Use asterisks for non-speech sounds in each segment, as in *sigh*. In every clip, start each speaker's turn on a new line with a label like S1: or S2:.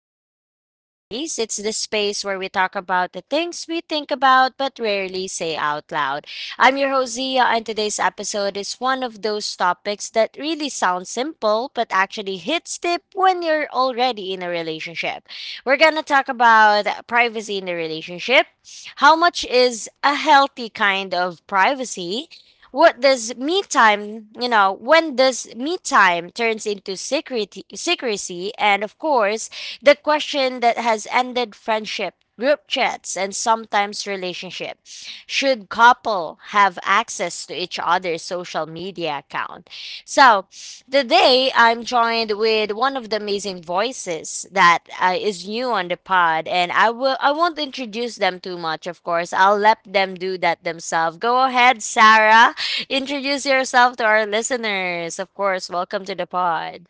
S1: Real Talk Diaries. It's the space where we talk about the things we think about but rarely say out loud. I'm your host, Zia, and today's episode is one of those topics that really sounds simple but actually hits deep when you're already in a relationship. We're gonna talk about privacy in the relationship. How much is a healthy kind of privacy? What does me time, you know, when does me time turns into secrecy? And of course, the question that has ended friendship group chats and sometimes relationship: should couple have access to each other's social media account? So, today I'm joined with one of the amazing voices that is new on the pod, and I won't introduce them too much. Of course, I'll let them do that themselves. Go ahead, Sarah. *laughs* Introduce yourself to our listeners. Of course, welcome to the pod.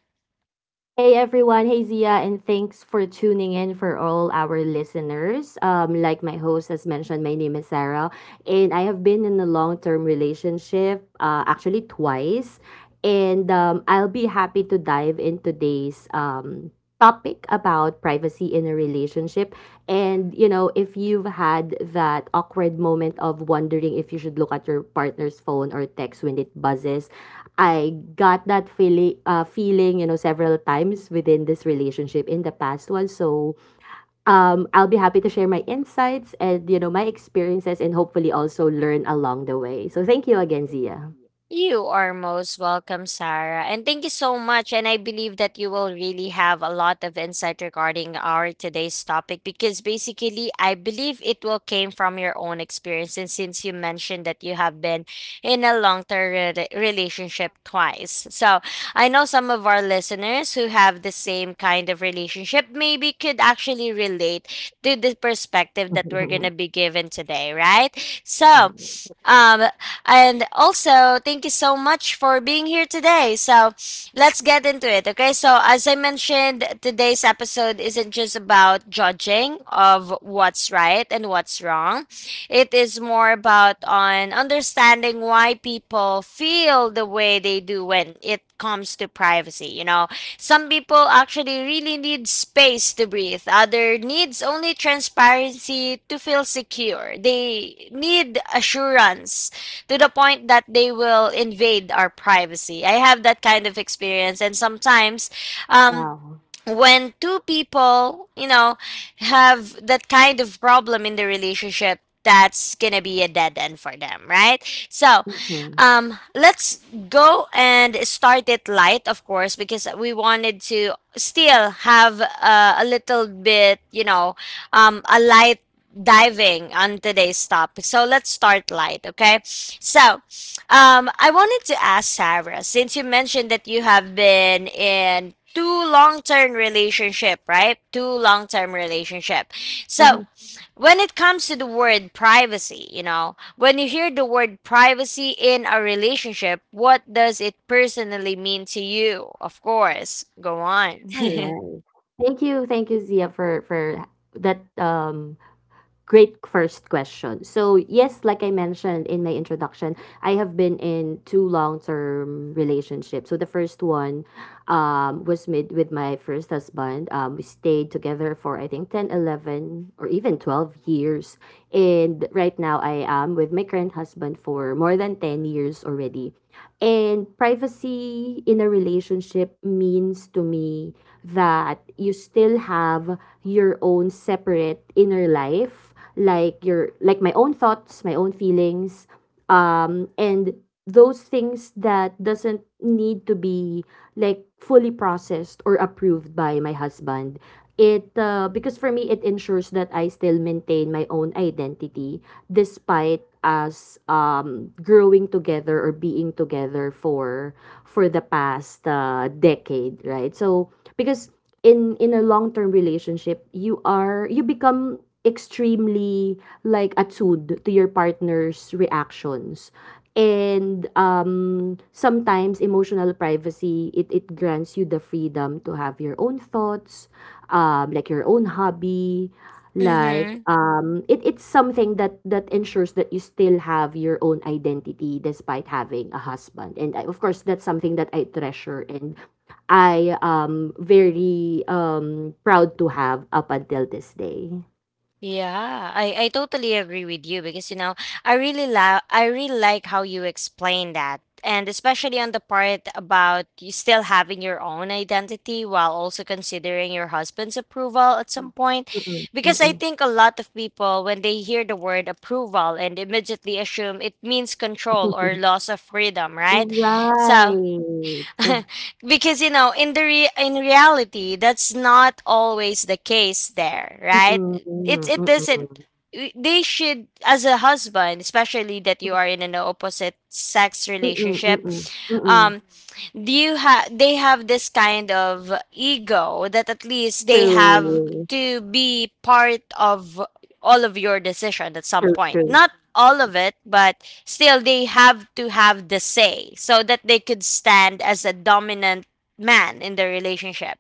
S2: Hey everyone, hey Zia, and thanks for tuning in for all our listeners. Like my host has mentioned, my name is Sarah, and I have been in a long term relationship, actually twice, and I'll be happy to dive into today's topic about privacy in a relationship. And you know, if you've had that awkward moment of wondering if you should look at your partner's phone or text when it buzzes, I got that feeling, several times within this relationship in the past one. So, I'll be happy to share my insights and my experiences, and hopefully also learn along the way. So, thank you again, Zia.
S1: You are most welcome, Sarah. And thank you so much. And I believe that you will really have a lot of insight regarding our today's topic, because basically I believe it will came from your own experience. And since you mentioned that you have been in a relationship twice. So I know some of our listeners who have the same kind of relationship maybe could actually relate to the perspective that we're going to
S2: *laughs*
S1: be given today, right? So,
S2: Right. Right.
S1: um, and also, thank you so much for being here today. So, let's get into it, okay? So, as I mentioned, today's episode isn't just about judging of what's right and what's wrong. It is more about on understanding why people feel the way they do when it comes to privacy. Some people actually really need space to breathe. Other needs only transparency to feel secure. They need assurance to the point that they will invade our privacy. I have that kind of experience, and sometimes, um,
S2: Wow.
S1: when two people, you know, have that kind of problem in the relationship, that's gonna be a dead end for them, right? So,
S2: Mhm.
S1: let's go and start it light, of course, because we wanted to still have a little bit, a light diving on today's topic. So let's start light, okay? So, I wanted to ask Sarah, since you mentioned that you have been in two long-term relationship, right? Two long-term relationship. So,
S2: Mhm.
S1: when it comes to the word privacy, you know, when you hear the word privacy in a relationship, what does it personally mean to you? Of course, go on.
S2: All
S1: *laughs*
S2: right. Thank you, Zia, for that great first question. So, yes, like I mentioned in my introduction, I have been in two long-term relationships. So the first one was made with my first husband. We stayed together for I think 10, 11, or even 12 years. And right now I am with my current husband for more than 10 years already. And privacy in a relationship means to me that you still have your own separate inner life, like your like my own thoughts, my own feelings, and those things that doesn't need to be like fully processed or approved by my husband. It Because for me it ensures that I still maintain my own identity despite us growing together or being together for the past decade, right? So because in a long term relationship, you become extremely like attuned to your partner's reactions and sometimes emotional privacy it, it grants you the freedom to have your own thoughts like your own hobby
S1: Mm-hmm.
S2: it's something that ensures that you still have your own identity despite having a husband. And of course that's something that I treasure, and I am very proud to have up until this day.
S1: Yeah, I totally agree with you, because you know, I really like how you explain that, and especially on the part about you still having your own identity while also considering your husband's approval at some point,
S2: Mm-mm,
S1: because I
S2: mm-mm.
S1: think a lot of people, when they hear the word approval, and immediately assume it means control or
S2: *laughs*
S1: loss of freedom, right? So,
S2: Right.
S1: *laughs* because you know, in the re- in reality, that's not always the case there, right?
S2: Mm-mm,
S1: it
S2: mm-mm,
S1: it doesn't,
S2: mm-mm,
S1: they should, as a husband, especially that you are in an opposite sex
S2: mm-mm,
S1: relationship,
S2: mm-mm, mm-mm.
S1: um, do you have, they have this kind of ego that at least they have
S2: True.
S1: to be part of all of your decision at some point.
S2: True
S1: Not all of it, but still they have to have the say, so that they could stand as a dominant man in the relationship.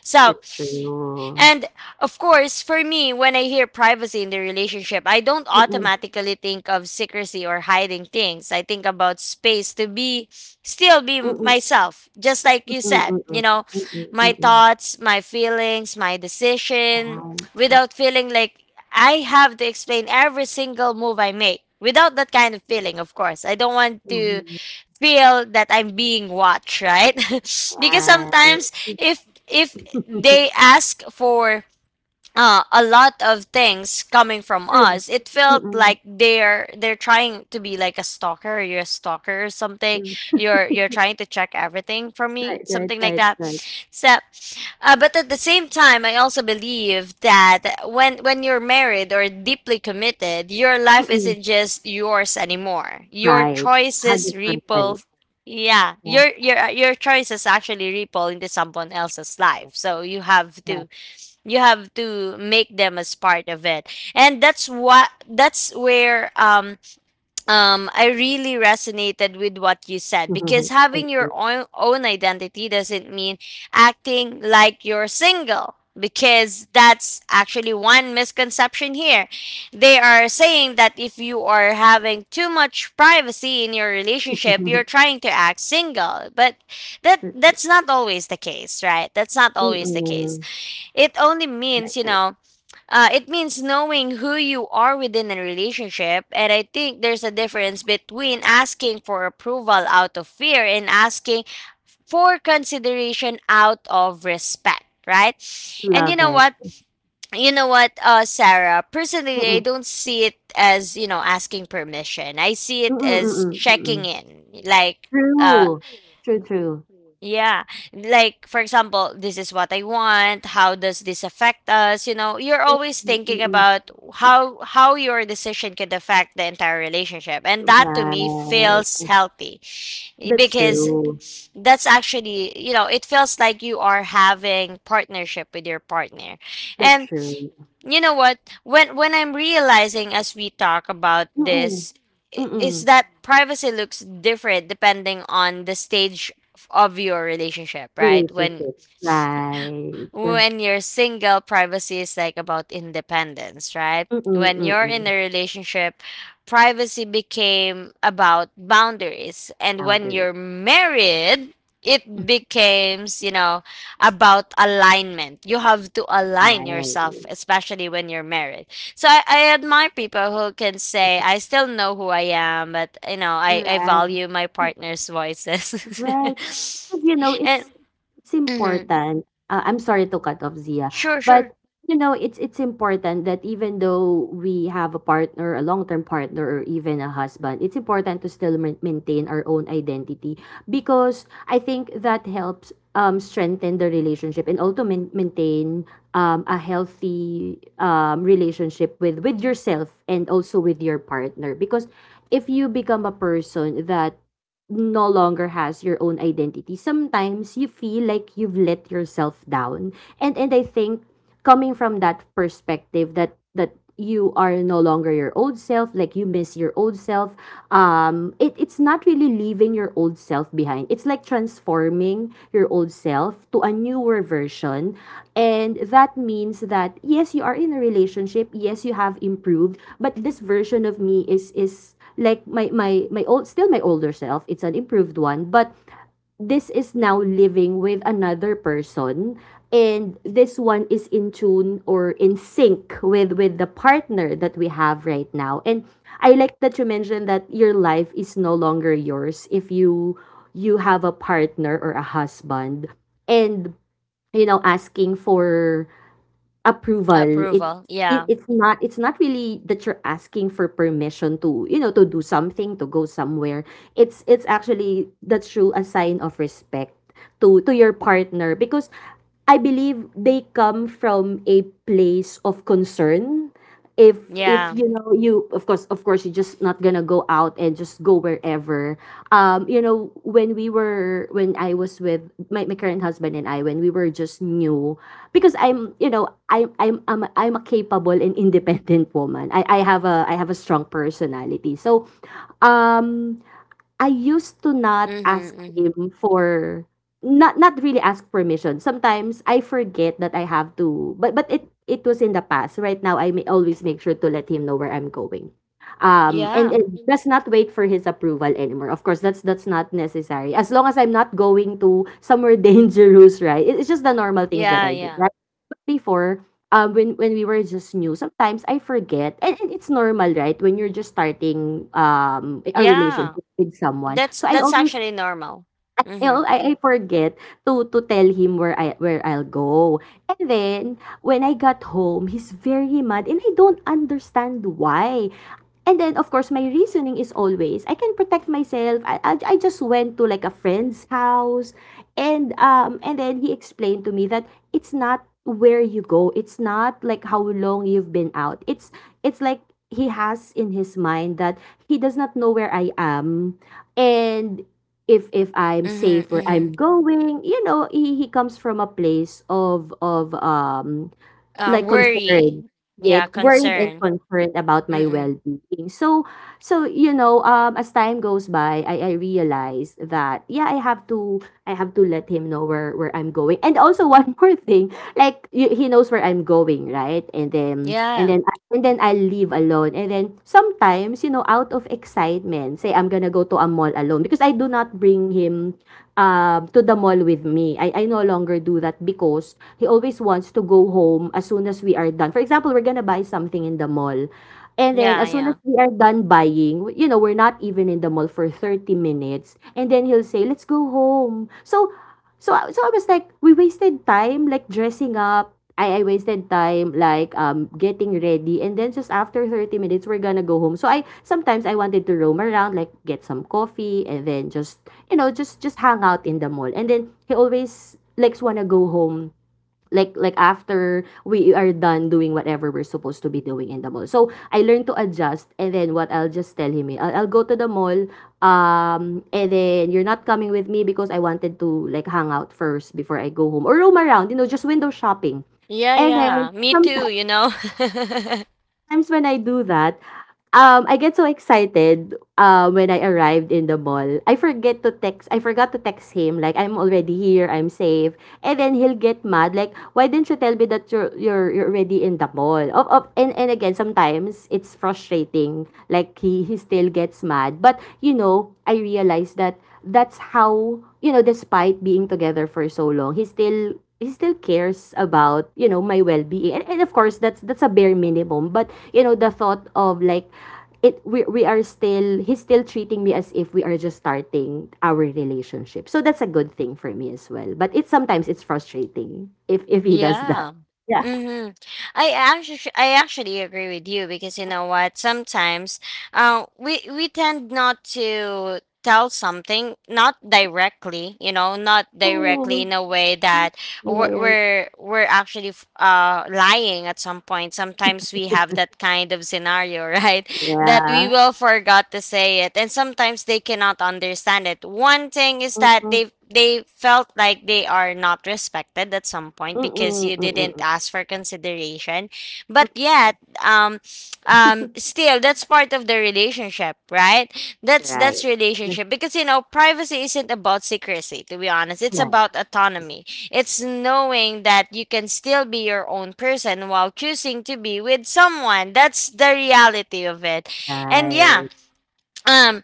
S1: So,
S2: that's true
S1: and of course, for me, when I hear privacy in the relationship, I don't
S2: Mm-mm,
S1: automatically think of secrecy or hiding things. I think about space to be still be
S2: mm-mm,
S1: myself, just like you
S2: Mm,
S1: said,
S2: mm,
S1: you
S2: mm,
S1: know,
S2: mm,
S1: my
S2: mm, mm.
S1: thoughts, my feelings, my decision,
S2: Right.
S1: without feeling like I have to explain every single move I make. Without that kind of feeling, of course. I don't want to
S2: Mhm.
S1: feel that I'm being watched, right? *laughs* Because
S2: Right.
S1: sometimes, if they
S2: *laughs*
S1: ask for a lot of things coming from
S2: True.
S1: us, it felt
S2: Mm-mm.
S1: like they're trying to be like a stalker. You're a stalker or something,
S2: Mm.
S1: you're
S2: *laughs*
S1: trying to check everything from me, something like that.
S2: Right.
S1: So, but at the same time, I also believe that when you're married or deeply committed, your life
S2: Mm-mm.
S1: isn't just yours anymore. Your
S2: Right.
S1: choices ripple,
S2: 100%.
S1: yeah,
S2: Yeah.
S1: your your choices actually ripple into someone else's life,
S2: Right. *laughs*
S1: so
S2: Yes, yes.
S1: you have to,
S2: Right.
S1: you have to make them as part of it. And that's what, that's where um, um, I really resonated with what you said, because
S2: *laughs* Thank
S1: having your
S2: you.
S1: own identity doesn't mean acting like you're single, because that's actually one misconception here. They are saying that if you are having too much privacy in your relationship, you're
S2: *laughs*
S1: trying to act single. But that,
S2: But-
S1: that's not always the case, right? That's not always the case.
S2: Mm-mm.
S1: It only means, you
S2: Right.
S1: know, it means knowing who you are within a relationship. And I think there's a difference between asking for approval out of fear, and asking for consideration out of respect, right? And you
S2: Love
S1: know
S2: it.
S1: what, you know what, Sarah, personally, I
S2: Mm-mm.
S1: don't see it as, you know, asking permission. I see it as checking
S2: Mm-mm.
S1: in, like, uh
S2: True. True.
S1: yeah. Like, for example, this is what I want. How does this affect us? You know, you're
S2: Mm,
S1: always thinking
S2: mm.
S1: about how your decision could affect the entire relationship. And that to me
S2: Right.
S1: feels healthy, eh,
S2: That's
S1: because
S2: true.
S1: that's actually, you know, it feels like you are having partnership with your partner.
S2: That's
S1: And
S2: true.
S1: you know what, when I'm realizing as we talk about
S2: Mm-mm.
S1: this, is
S2: Mm-mm.
S1: that privacy looks different depending on the stage of your relationship, right? when
S2: Relationship, right.
S1: when you're single, privacy is like about independence, right? When you're in
S2: Mm.
S1: a relationship, privacy became about boundaries. And when
S2: Boundaries.
S1: you're married, it
S2: *laughs*
S1: becomes, you know, about alignment. You have to align yourself,
S2: Right.
S1: especially when you're married. So I admire people who can say, I still know who I am, but, you know, I
S2: Right.
S1: value my partner's voices.
S2: Right. 'Cause,
S1: *laughs* And,
S2: it's
S1: *clears throat* mhm.
S2: important. I'm sorry to cut off Zia,
S1: Sure, sure.
S2: but you know, it's important that even though we have a partner, a long-term partner, or even a husband, it's important to still maintain our own identity because I think that helps strengthen the relationship and also maintain a healthy relationship with yourself and also with your partner, because if you become a person that no longer has your own identity, sometimes you feel like you've let yourself down. And I think coming from that perspective, that you are no longer your old self, like you miss your old self, it's not really leaving your old self behind. It's like transforming your old self to a newer version. And that means that yes, you are in a relationship, yes, you have improved, but this version of me is like my old, still my older self. It's an improved one, but this is now living with another person, and this one is in tune or in sync with the partner that we have right now. And I like that you mentioned that your life is no longer yours if you have a partner or a husband. And you know, asking for approval,
S1: Approval. Yeah.
S2: it's not, it's not really that you're asking for permission to, you know, to do something, to go somewhere. It's actually, that's true, a sign of respect to your partner, because I believe they come from a place of concern. If
S1: Yeah.
S2: You know, you of course, you're just not gonna go out and just go wherever. You know, when we were when I was with my current husband, and I, when we were just new, because I'm, you know, I'm a capable and independent woman, I have a strong personality. So um I used to not
S1: Mm-hmm,
S2: ask
S1: mm-hmm.
S2: him for, not, not really ask permission. Sometimes I forget that I have to, but it, it was in the past. Right now, I may always make sure to let him know where I'm going. And
S1: Yeah.
S2: and does not wait for his approval anymore. Of course, that's not necessary. As long as I'm not going to somewhere *laughs* dangerous, right? It's just the normal things that
S1: Yeah,
S2: I do,
S1: yeah.
S2: right? Before, when we were just new, sometimes I forget, and it's normal, right? When you're just starting a
S1: Yeah.
S2: relationship with someone, so I
S1: That's
S2: always
S1: actually normal.
S2: *laughs*
S1: Mm-hmm.
S2: I forget to tell him where I'll go. And then when I got home, he's very mad and I don't understand why. And then of course my reasoning is always I can protect myself. I just went to like a friend's house. And and then he explained to me that it's not where you go, it's not like how long you've been out. It's like he has in his mind that he does not know where I am, and if I'm
S1: Mm-hmm,
S2: safe where
S1: mm-hmm.
S2: I'm going. You know, he comes from a place of like, concern.
S1: Worry.
S2: Yeah,
S1: Yeah,
S2: worried and
S1: concern.
S2: concerned about my
S1: Mm-mm.
S2: well-being. So you know, as time goes by, I realized that, yeah, I have to let him know where I'm going. And also one *laughs* more thing, like you, he knows where I'm going, right? And then and
S1: Yeah.
S2: then I- and then I leave alone. And then sometimes, you know, out of excitement, say I'm gonna go to a mall alone because I do not bring him to the mall with me. I no longer do that because he always wants to go home as soon as we are done. For example, we're gonna buy something in the mall. And then
S1: Yeah,
S2: as soon as
S1: yeah.
S2: we are done buying, you know, we're not even in the mall for 30 minutes. And then he'll say, "Let's go home." So I- so I was like, we wasted time like dressing up. I wasted time like getting ready, and then just after 30 minutes we're gonna go home. So I sometimes I wanted to roam around, like get some coffee and then just just hang out in the mall. And then he always likes, wanna go home like after we are done doing whatever we're supposed to be doing in the mall. So I learned to adjust. And then what I'll just tell him, eh, I'll go to the mall and then you're not coming with me because I wanted to like hang out first before I go home, or roam around, you know, just window shopping.
S1: Yeah,
S2: And
S1: yeah.
S2: then
S1: Me too,
S2: sometimes
S1: you know. *laughs*
S2: Times when I do that, I get so excited, when I arrived in the mall. I forgot to text him, like, "I'm already here, I'm safe." And then he'll get mad, like, "Why didn't you tell me that you're already in the mall?" Of and again, sometimes it's frustrating, like, he still gets mad. But, you know, I realized that that's how, you know, despite being together for so long, he still cares about, you know, my well-being. And of course, that's a bare minimum, but you know, the thought of like it we are still he's still treating me as if we are just starting our relationship. So that's a good thing for me as well. But it's sometimes it's frustrating if he does that.
S1: Yeah.
S2: Yeah.
S1: Mm-hmm. I actually, I actually agree with you, because you know what? Sometimes, we tend not to tell something not directly, you know, not directly
S2: Oh,
S1: in a way that
S2: yeah,
S1: we're
S2: yeah, yeah.
S1: we're, we're actually lying at some point. Sometimes we have that kind of scenario, *laughs* right? That we
S2: Yeah.
S1: will forgot to say it, and sometimes they cannot understand it. One thing is that
S2: Mm-mm.
S1: they felt like they are not respected at some point, because
S2: Mm-mm.
S1: you didn't
S2: Mm-mm.
S1: ask for consideration. But yet,
S2: Mm-mm.
S1: um, um,
S2: *laughs*
S1: still that's part of the relationship, right? that's
S2: Right.
S1: that's
S2: That's
S1: relationship. Because you know, privacy isn't about secrecy, to be honest. It's
S2: not
S1: about autonomy. It's knowing that you can still be your own person while choosing to be with someone. That's the reality of it. And yeah,
S2: right.
S1: um,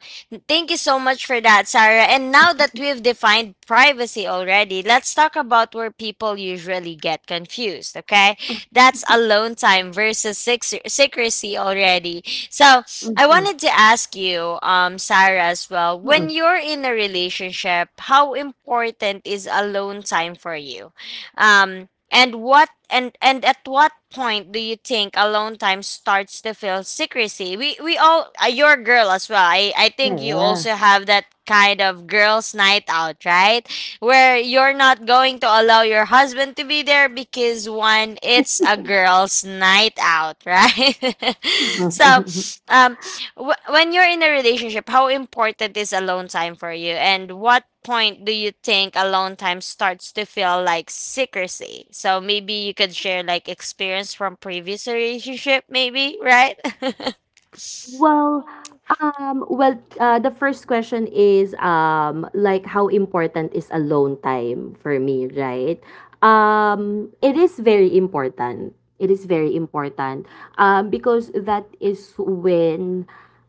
S1: thank you so much for that, Sarah. And now that we've defined privacy already, let's talk about where people usually get confused, okay? That's alone time versus secrecy already. So I
S2: Mhm.
S1: wanted to ask you, Sarah, as well, when
S2: Mm,
S1: you're in a relationship, how important is alone time for you? Um, and what, and at what point do you think alone time starts to feel secrecy? We all, you're a girl as well. I think you
S2: yeah.
S1: also have that kind of girls' night out, right? Where you're not going to allow your husband to be there, because one, it's a girls' night out, right? *laughs* So,
S2: *laughs*
S1: um, when you're in a relationship, how important is alone time for you? And what point do you think alone time starts to feel like secrecy? So maybe you could share like experience from previous relationship, maybe, right? *laughs*
S2: Well, um, well, the first question is, like how important is alone time for me, right? It is very important. It is very important, because that is when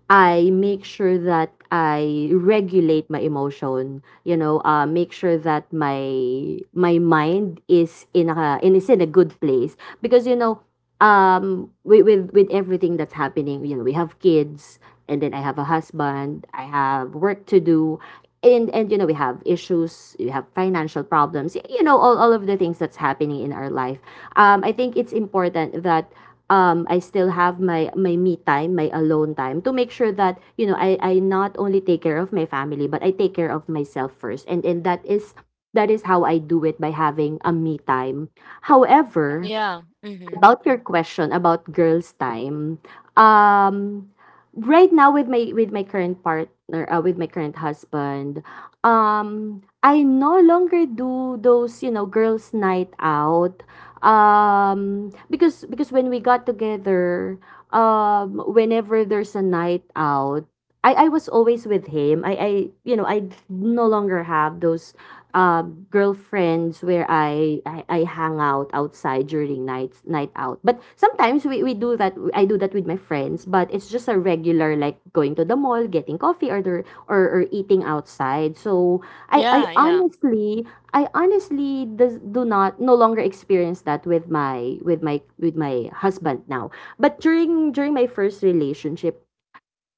S2: I make sure that I regulate my emotion. You know, make sure that my mind is in a good place because you know, with everything that's happening, you know, we have kids, and then I have a husband, I have work to do, and you know, we have issues, we have financial problems, you know, all of the things that's happening in our life. I think it's important that I still have my me time, my alone time to make sure that you know I not only take care of my family but I take care of myself first, and that is how I do it by having a me time. However,
S1: Yeah. Mm-hmm.
S2: about your question about girls' time, um, right now with my current partner, with my current husband, I no longer do those you know girls' night out, because when we got together, whenever there's a night out. I was always with him. I you know I no longer have those uh, girlfriends where I hang out outside during night out. But sometimes we do that I do that with my friends, but it's just a regular like going to the mall, getting coffee or eating outside. So I,
S1: Yeah,
S2: I
S1: yeah.
S2: honestly I honestly does, do not no longer experience that with my husband now. But during my first relationship,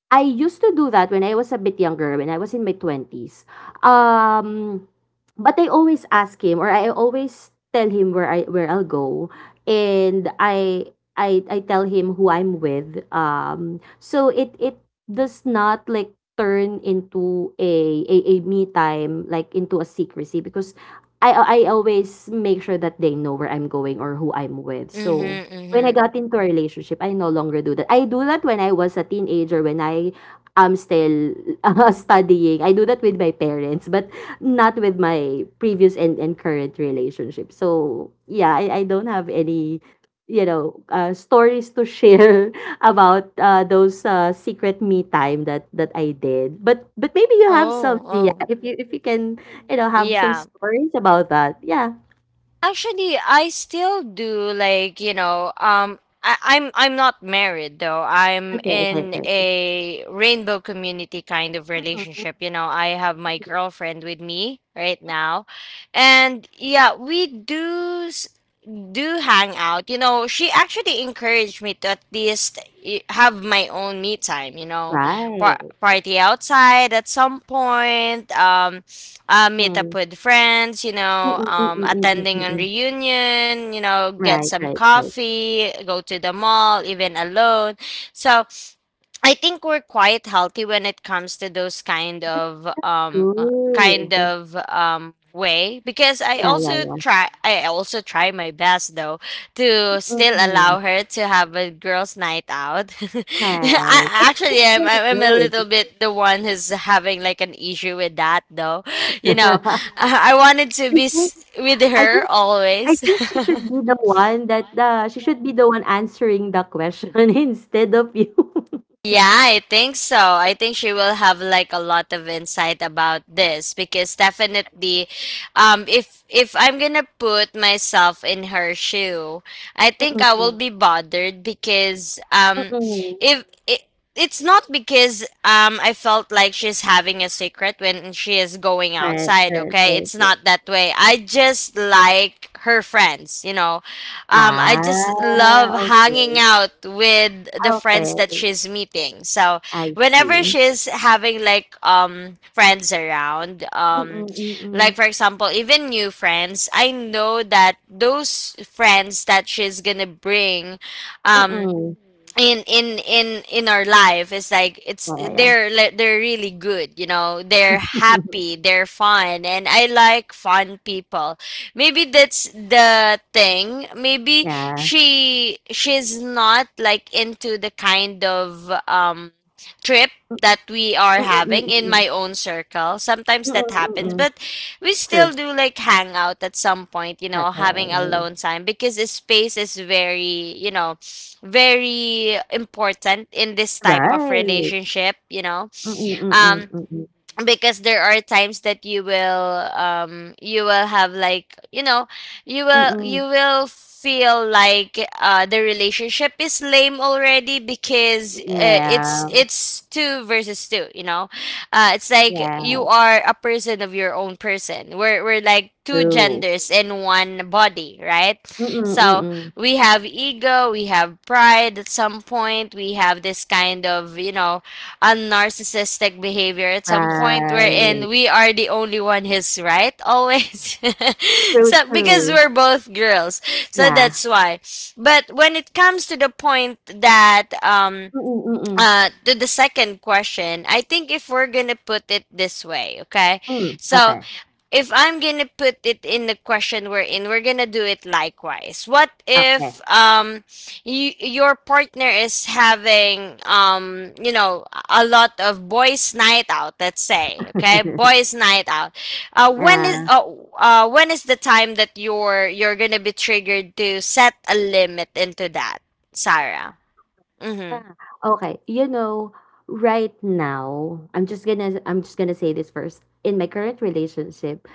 S2: I used to do that when I was a bit younger, when I was in my 20s. Um, but I always ask him or I always tell him where I'll go and I tell him who I'm with. So it does not like turn into a me time like into a secrecy because I always make sure that they know where I'm going or who I'm with. So
S1: Mm-hmm,
S2: when I
S1: mm-hmm.
S2: got into a relationship, I no longer do that. I do that when I was a teenager, when I am still *laughs* studying. I do that with my parents, but not with my previous and current relationship. So yeah, I don't have any, you know, stories to share *laughs* about those secret me time that I did. But maybe you have
S1: Oh,
S2: some, yeah.
S1: oh.
S2: If you can, you know, have some
S1: Yeah.
S2: stories about that, yeah.
S1: Actually, I still do, like, you know, um, I'm not married though. I'm
S2: Okay, okay,
S1: in
S2: okay.
S1: a rainbow community kind of
S2: Mhm.
S1: relationship. You know, I have my girlfriend with me right now. And yeah, we do do hang out. You know, she actually encouraged me to at least have my own me time, you know,
S2: Right.
S1: party outside at some point. Meet up
S2: Right.
S1: with friends, you
S2: Mm,
S1: know,
S2: mm, mm, mm, mm, mm,
S1: attending a
S2: mm.
S1: reunion, you know, get
S2: Right,
S1: some
S2: right, right.
S1: coffee, go to the mall, even alone. So I think we're quite healthy when it comes to those kind
S2: That's
S1: of um, kind
S2: good.
S1: of way, because I
S2: Yeah, yeah,
S1: also
S2: yeah.
S1: try I also try my best though to still
S2: Mm,
S1: allow her to have a girls night out. *laughs* I,
S2: right.
S1: actually I'm
S2: That's
S1: I'm a
S2: very good.
S1: little bit the one who's having like an issue with that though. You know, I wanted to be with
S2: *laughs* I think, I think,
S1: her
S2: I
S1: always. *laughs*
S2: think she should be the one that the she should be the one answering the question *laughs* instead of you.
S1: Yeah, I think so. I think she will have like a lot of insight about this because definitely if I'm going to put myself in her shoe, I
S2: *laughs*
S1: think I will
S2: Mm-mm,
S1: be bothered because
S2: mm-mm.
S1: if it's not because I felt like she's having a secret when she is going
S2: Right,
S1: outside,
S2: right,
S1: okay?
S2: right,
S1: It's
S2: right.
S1: not that way. I just like her friends. I just
S2: Ah,
S1: love hanging
S2: okay,
S1: out with the
S2: okay.
S1: friends that she's meeting. So
S2: I
S1: whenever
S2: see.
S1: she's having like friends around,
S2: Mm-mm, mm-mm,
S1: like for example, even new friends, I know that those friends that she's gonna bring, um,
S2: mm-mm.
S1: in our life is like it's
S2: Yeah, yeah.
S1: they're really good. They're happy, they're fun, and I like fun people. Maybe that's the thing. Maybe
S2: *laughs*
S1: she's not like into the kind of trip
S2: yeah.
S1: that we are
S2: Mm, mm,
S1: having in
S2: mm.
S1: my own circle.
S2: Mm,
S1: Sometimes
S2: mm.
S1: that
S2: Mm, mm,
S1: happens,
S2: mm, mm.
S1: but we still
S2: True.
S1: do like hang out at some point, having
S2: Okay.
S1: alone time because the space is very, very important in this type of
S2: Right.
S1: relationship.
S2: Mm, mm,
S1: um
S2: mm, mm.
S1: because there are times that you will have like you
S2: Mm,
S1: will you
S2: mm.
S1: will feel like the relationship is lame already
S2: Mm,
S1: because
S2: mm.
S1: it's
S2: Yeah.
S1: it's two versus two. It's like you
S2: Yeah,
S1: are a person of your own person. We're like two
S2: true.
S1: genders in one body, right?
S2: Mm, mm, mm.
S1: So
S2: Mm.
S1: we have ego, we have pride at some point, we have this kind, of unnarcissistic behavior at some point, wherein
S2: Right.
S1: we are the only one who's right always. *laughs*
S2: True,
S1: So because
S2: true.
S1: we're both girls. So
S2: Yeah.
S1: that's why. But when it comes to the point that
S2: Mm, mm, mm.
S1: to the second question, I think if we're going to put it this way, okay?
S2: Mm, mm.
S1: So
S2: Okay.
S1: if I'm gonna put it in the question we're in, we're gonna do it likewise. What
S2: Okay.
S1: if your partner is having a lot of boys' night out? Let's say okay, boys' night out. Uh, when is
S2: Yeah.
S1: uh, when is the time that you're gonna be triggered to set a limit into that, Sarah? Mm-hmm.
S2: Ah, okay. You know, right now, I'm just gonna say this first. In my current relationship,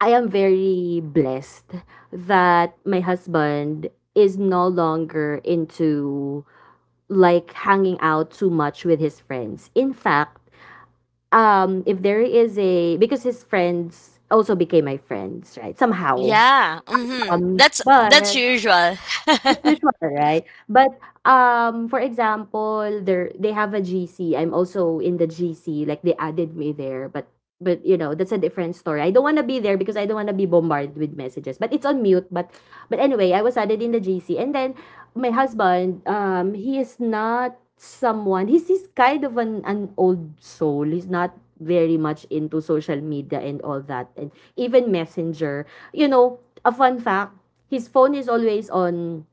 S2: I am very blessed that my husband is no longer into like hanging out too much with his friends. In fact, if there is a because his friends also became my friends, right? Somehow.
S1: Yeah. Mm-hmm. That's
S2: But
S1: that's usual.
S2: that's usual, right? But for example, there they have a GC. I'm also in the GC. Like they added me there, but you know that's a different story. I don't want to be there because I don't want to be bombarded with messages. But it's on mute. But anyway, I was added in the GC, and then my husband, he is not someone. He's kind of an old soul. He's not very much into social media and all that, and even messenger. You know, a fun fact. His phone is always on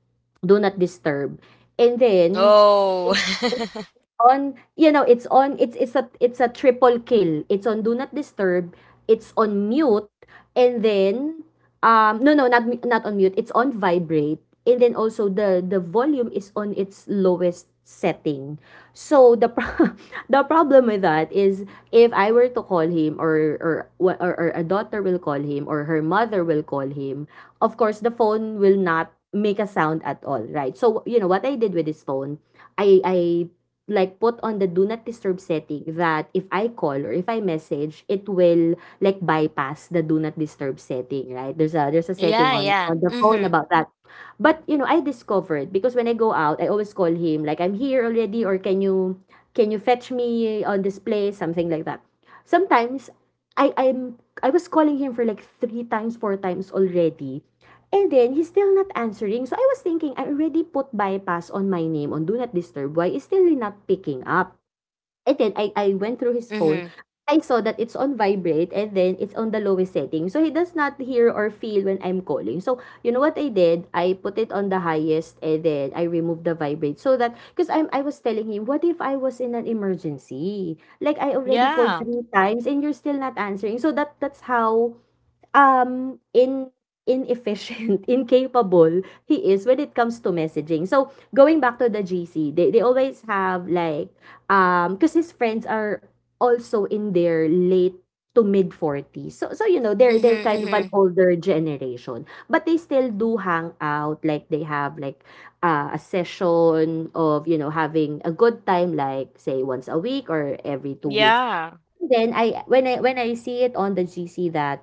S2: do not disturb. And
S1: *laughs*
S2: then,
S1: Oh. *laughs*
S2: on you know it's a it's a triple kill, it's on do not disturb, it's on mute, and then no not on mute, it's on vibrate, and then also the volume is on its lowest setting. So *laughs* the problem with that is if I were to call him or or a daughter will call him or her mother will call him, of course the phone will not make a sound at all, right? So you know what I did with this phone, I like put on the do not disturb setting that if I call or if I message, it will like bypass the do not disturb setting, right? There's a setting
S1: Yeah,
S2: on
S1: yeah.
S2: the phone
S1: Mm-hmm.
S2: about that. But you know, I discovered because when I go out, I always call him like I'm here already or can you fetch me on this place, something like that. Sometimes I was calling him for like three times, four times already. And then he's still not answering. So I was thinking I already put bypass on my name on do not disturb. Why is still not picking up? And then I went through his phone.
S1: Mhm.
S2: I saw that it's on vibrate and then it's on the lowest setting. So he does not hear or feel when I'm calling. So you know what I did? I put it on the highest and then I removed the vibrate so that because I was telling him, what if I was in an emergency? Like I already called
S1: Yeah.
S2: three times and you're still not answering. So that that's how in inefficient, *laughs* incapable he is when it comes to messaging. So going back to the GC, they always have like because his friends are also in their late to mid 40s. So so you know they're
S1: Mhm,
S2: they're kind of an
S1: mhm.
S2: older generation. But they still do hang out. Like they have like a session of, you know, having a good time like say once a week or every 2 weeks.
S1: Yeah.
S2: Then I when I when I see it on the GC that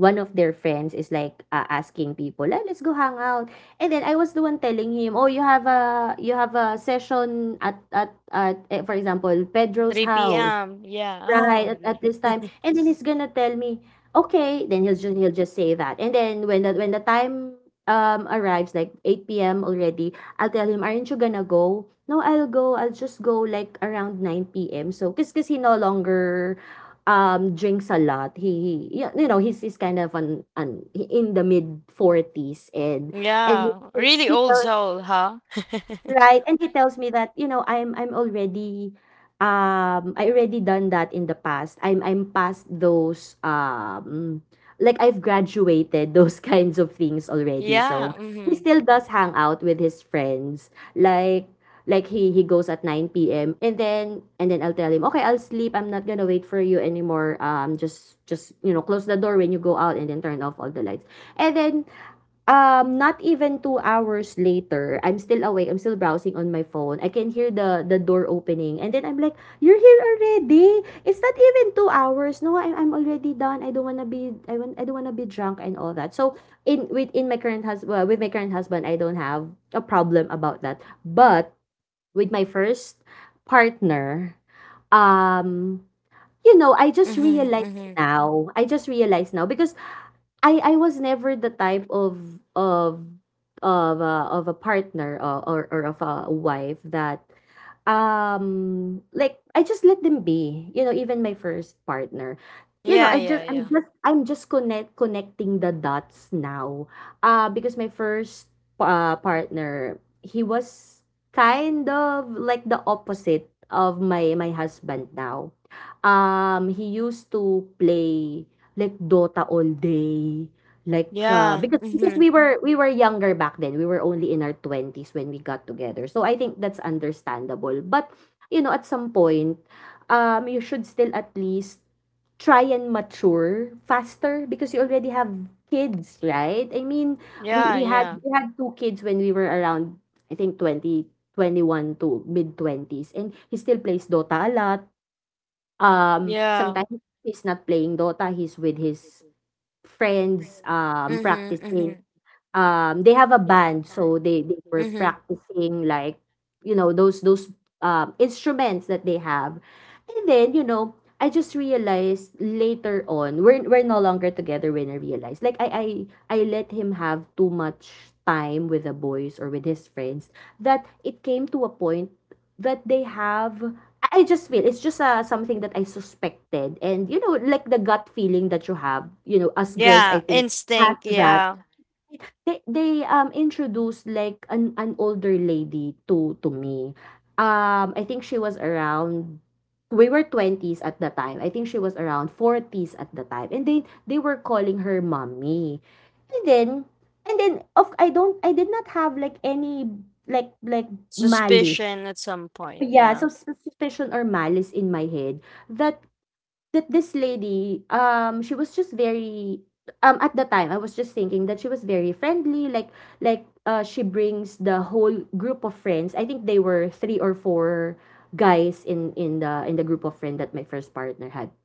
S2: one of their friends is like, ah, asking people, "Ah, let's go hang out." And then I was the one telling him, "Oh, you have a session at eh, for example, Pedro's
S1: 3
S2: house."
S1: p.m. Yeah.
S2: Right,
S1: Oh,
S2: at this
S1: yeah.
S2: time.
S1: *laughs*
S2: And then he's gonna tell me, okay. Then he'll just say that. And then when the time arrives, like 8 p.m. already, I'll tell him, aren't you gonna go? No, I'll go. I'll just go like around 9 p.m. So, cause he no longer drinks a lot. He you know, he's kind of an, in the mid 40s and and he,
S1: Yeah.
S2: he
S1: Really
S2: he
S1: old
S2: tells
S1: soul, huh? *laughs*
S2: Right, and he tells me that, you know, I'm already I already done that in the past. I'm past those like I've graduated those *laughs* kinds of things already.
S1: Yeah.
S2: So he
S1: Mhm.
S2: still does hang out with his friends. Like he he goes at 9 p.m. and then I'll tell him, "Okay, I'll sleep. I'm not going to wait for you anymore. Just, you know, close the door when you go out and then turn off all the lights." And then not even 2 hours later, I'm still awake, I'm still browsing on my phone. I can hear the door opening and then I'm like, "You're here already? It's not even 2 hours. No, I'm already done. I don't wanna be drunk and all that." So, in with in my current husband well, with my current husband, I don't have a problem about that. But with my first partner, um, you know, I just
S1: Mhm,
S2: realized
S1: mhm.
S2: now. I just realized now because I was never the type of a partner or of a wife that like I just let them be. You know, even my first partner. You know,
S1: Yeah, yeah, yeah.
S2: I'm just connecting the dots now. Because my first partner, he was kind of like the opposite of my husband now. He used to play like Dota all day, like,
S1: Yeah.
S2: because
S1: Mhm.
S2: we were younger back then. We were only in our 20s when we got together. So I think that's understandable. But, you know, at some point, you should still at least try and mature faster because you already have kids, right? I mean, we
S1: Yeah,
S2: we had
S1: yeah.
S2: we had two kids when we were around I think 20, 21 to mid 20s, and he still plays Dota a lot.
S1: Yeah.
S2: Sometimes he's not playing Dota, he's with his friends,
S1: Mhm,
S2: practicing.
S1: mhm.
S2: They have a band, so they were
S1: Mhm.
S2: practicing, like, you know, those instruments that they have. And then, you know, I just realized later on, we're no longer together, when I realized, like, I let him have too much time with the boys or with his friends, that it came to a point that they have. I just feel it's just something that I suspected, and, you know, like the gut feeling that you have, you know, us girls,
S1: Yeah,
S2: I think, has
S1: instinct,
S2: that.
S1: yeah.
S2: They introduced, like, an older lady to me. I think she was around, we were twenties at the time. I think she was around forties at the time, and they were calling her mommy. And then, and then of, I did not have, like, any, malice.
S1: Suspicion at some point,
S2: Yeah,
S1: yeah.
S2: so suspicion or malice in my head, that, that this lady, she was just very, at the time, I was just thinking that she was very friendly, like, she brings the whole group of friends. I think they were three or four guys in the group of friend that my first partner had.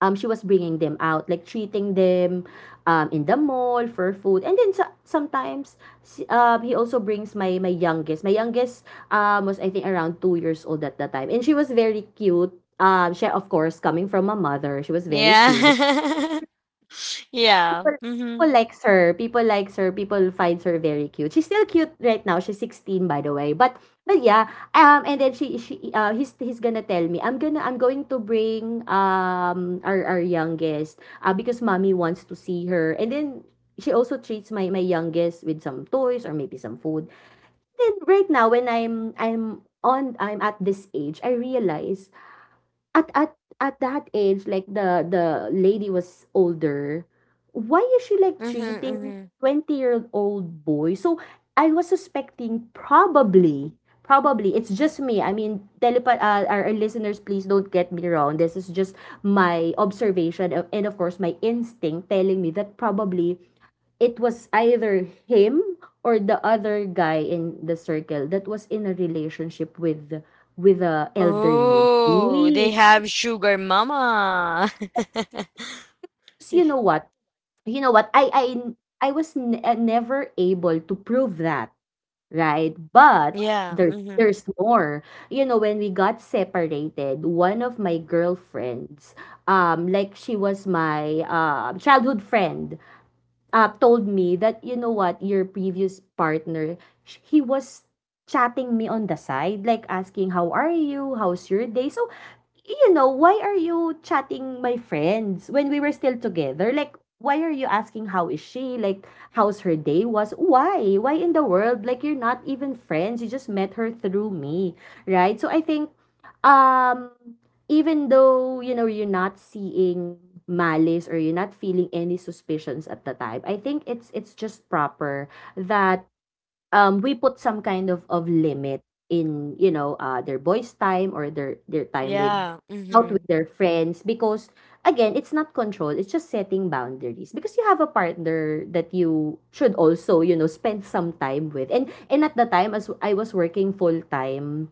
S2: She was bringing them out, like treating them, in the mall for food. And then, so, sometimes, he also brings my my youngest. My youngest, was, I think, around 2 years old at the time, and she was very cute. She of course, coming from a mother, she was very cute.
S1: Yeah. *laughs* Yeah.
S2: People,
S1: Mhm.
S2: people likes her. People like her. People find her very cute. She's still cute right now. She's 16, by the way. But yeah, and then she he's gonna tell me, "I'm gonna, I'm going to bring our youngest because mommy wants to see her." And then she also treats my my youngest with some toys or maybe some food. Then right now, when I'm at this age, I realize, at at at that age, like, the lady was older, why is she like
S1: Mhm,
S2: treating
S1: mhm.
S2: 20-year-old boy? So I was suspecting, probably it's just me. I mean, our listeners, please don't get me wrong. This is just my observation, and of course my instinct telling me that probably it was either him or the other guy in the circle that was in a relationship with a elderly.
S1: Oh, they have sugar mama. *laughs*
S2: 'Cause you know what? You know what? I I I was never able to prove that, right? But
S1: Yeah, mhm.
S2: there's more. You know, when we got separated, one of my girlfriends, like, she was my childhood friend, told me that, you know what, your previous partner, he was chatting me on the side, like asking how are you, how's your day. So, you know, why are you chatting my friends when we were still together? Like, why are you asking how is she? Like, how's her day was? Why? Why in the world? Like, you're not even friends. You just met her through me, right? So I think, um, even though, you know, you're not seeing malice or you're not feeling any suspicions at the time, I think it's just proper that, we put some kind of limit in, their boys' time or their time with
S1: Yeah,
S2: out with
S1: mhm.
S2: their friends, because, again, it's not control, it's just setting boundaries, because you have a partner that you should also, you know, spend some time with. And at the time, as I was working full time,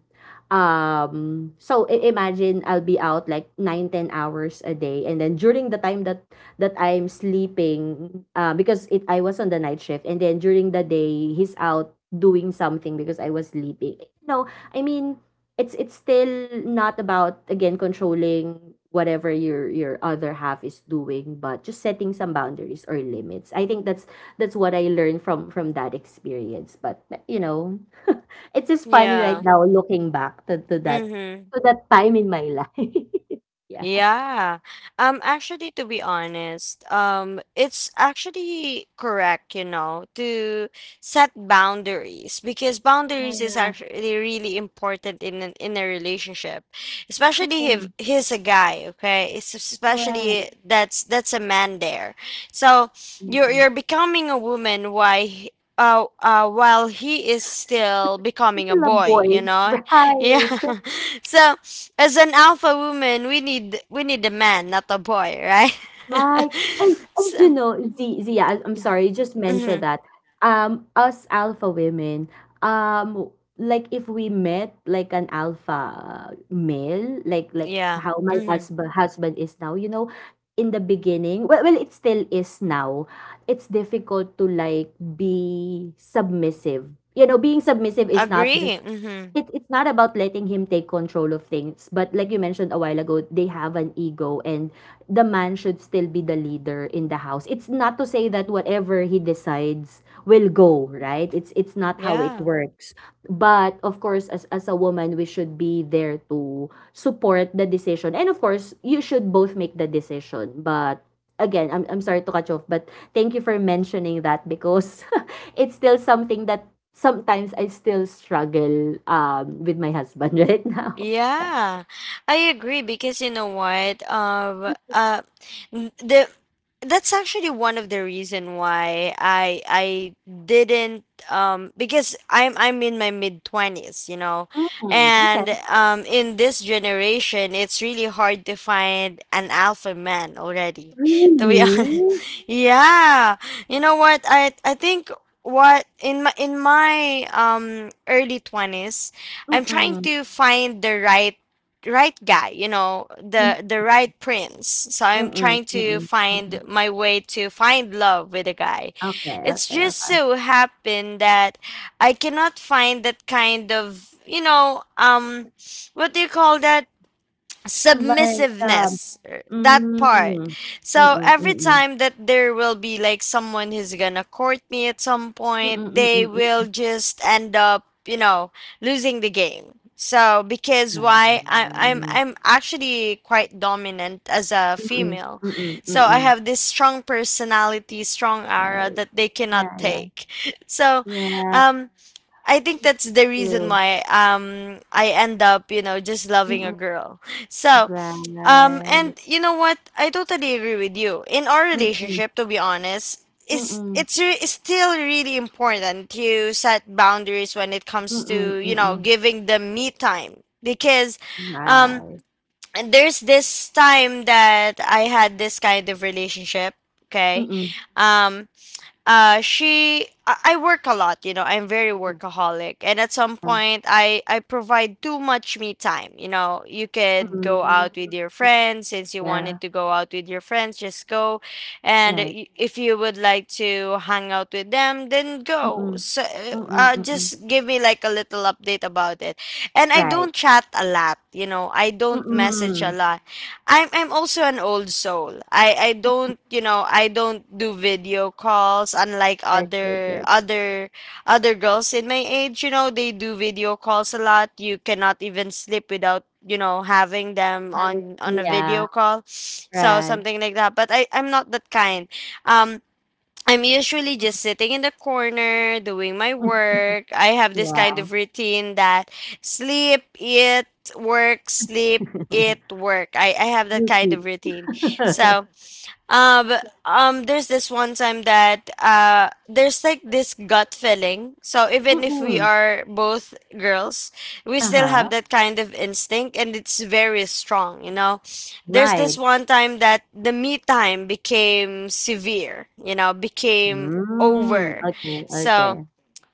S2: imagine I'll be out like 9, 10 hours a day, and then during the time that, that I'm sleeping, because it, I was on the night shift, and then during the day he's out doing something because I was sleeping. No, I mean, it's still not about, again, controlling whatever your other half is doing, but just setting some boundaries or limits. I think that's what I learned from that experience. But, you know, *laughs* it's just funny right
S1: Yeah,
S2: now looking back to that,
S1: mhm.
S2: to that time in my life. *laughs* Yeah.
S1: Yeah. Actually, to be honest, it's actually correct, to set boundaries because boundaries is
S2: Yeah.
S1: actually really important in an in a relationship, especially if
S2: Mm.
S1: he's a guy, okay? It's
S2: Right.
S1: especially that's a man there. So you're
S2: Mm.
S1: you're becoming a woman while he is still becoming a
S2: Still a
S1: boy,
S2: boy.
S1: you
S2: *laughs*
S1: know? *laughs* Yeah.
S2: Right.
S1: *laughs* So as an alpha woman, we need a man, not a boy, right?
S2: Right.
S1: *laughs*
S2: And you
S1: So,
S2: know, Zia, I- I'm sorry, you just
S1: hmm,
S2: mentioned that. Us alpha women, um, like, if we met like an alpha male, like
S1: yeah,
S2: how my
S1: hmm,
S2: husband is now, you know, in the beginning, well, it still is now. It's difficult to, like, be submissive. You know, being submissive is not just,
S1: agree, hmm,
S2: It it's not about letting him take control of things, but like you mentioned a while ago, they have an ego, and the man should still be the leader in the house. It's not to say that whatever he decides will go, right? It's not how it
S1: yeah.
S2: works. But of course, as a woman, we should be there to support the decision. And of course, you should both make the decision. But again, I'm sorry to cut you off, but thank you for mentioning that, because *laughs* it's still something that sometimes I still struggle with my husband *laughs* right now. Yeah.
S1: Yeah, I agree because you know what? N- the That's actually one of the reason why I didn't. Because I'm in my mid twenties,
S2: Mm, okay.
S1: and in this generation it's really hard to find an alpha man already. To be
S2: Really?
S1: honest, *laughs* yeah, you know what? I think what in my early 20s I'm trying
S2: Mm-mm.
S1: to find the right guy, you know,
S2: Mm-mm.
S1: the right prince. So I'm
S2: Mm-mm.
S1: trying to
S2: Mm-mm.
S1: find my way to find love with a guy.
S2: Okay,
S1: It's
S2: okay,
S1: just
S2: okay.
S1: so happened that I cannot find that kind of, what do you call that?
S2: Like,
S1: Submissiveness, that
S2: mm,
S1: part.
S2: mm-mm,
S1: So every
S2: mm-mm.
S1: time that there will be like someone who's gonna court me at some point,
S2: Mm-mm,
S1: they
S2: mm-mm,
S1: will just end up losing the game. So because why I, i'm
S2: mm-mm.
S1: i'm actually quite dominant as a
S2: Mm-mm,
S1: female,
S2: mm-mm,
S1: so I
S2: mm-mm.
S1: have this strong personality, strong aura
S2: Right.
S1: that they cannot
S2: Yeah, yeah,
S1: take. *laughs* So
S2: yeah,
S1: um I think that's the reason
S2: true.
S1: why I end up, just loving a
S2: Mm-mm,
S1: girl. *laughs* So,
S2: right.
S1: and you know what? I totally agree with you. In our
S2: Mm-mm,
S1: relationship, to be honest,
S2: mm-mm,
S1: it's still really important to set boundaries when it comes
S2: mm-mm,
S1: to
S2: mm-mm.
S1: giving them me time because um
S2: Right.
S1: there's this time that I had this kind of relationship, okay?
S2: Mm-mm.
S1: Um, I work a lot. I'm very workaholic, and at some
S2: Yeah.
S1: point I provide too much me time. You could go
S2: Mm.
S1: out with your friends. Since you
S2: Yeah,
S1: wanted to go out with your friends, just go, and
S2: right.
S1: if you would like to hang out with them, then go.
S2: Mm-mm.
S1: So
S2: Mm-mm, mm-mm.
S1: just give me like a little update about it, and I
S2: Right.
S1: don't chat a lot. I don't message a
S2: Mm-mm.
S1: lot. I'm also an old soul. I don't I don't do video calls unlike
S2: Right, right,
S1: other
S2: right.
S1: other other girls in my age, they do video calls a lot. You cannot even sleep without having them
S2: Having,
S1: on a
S2: yeah,
S1: video call. So
S2: right.
S1: something like that. But I'm not that kind. Um I'm usually just sitting in the corner doing my
S2: *laughs*
S1: work. I have this kind
S2: Yeah.
S1: of routine that sleep, eat, work, sleep,
S2: *laughs*
S1: eat, work. I have that
S2: You
S1: kind of
S2: keep.
S1: routine. So
S2: *laughs*
S1: but, there's this one time that there's like this gut feeling. So even if we
S2: Mm-mm.
S1: are both girls, we still
S2: Uh-huh.
S1: have that kind of instinct, and it's very strong. You know, there's
S2: Right.
S1: this one time that the me time became severe. You know, became
S2: Mm.
S1: over.
S2: Okay, okay.
S1: So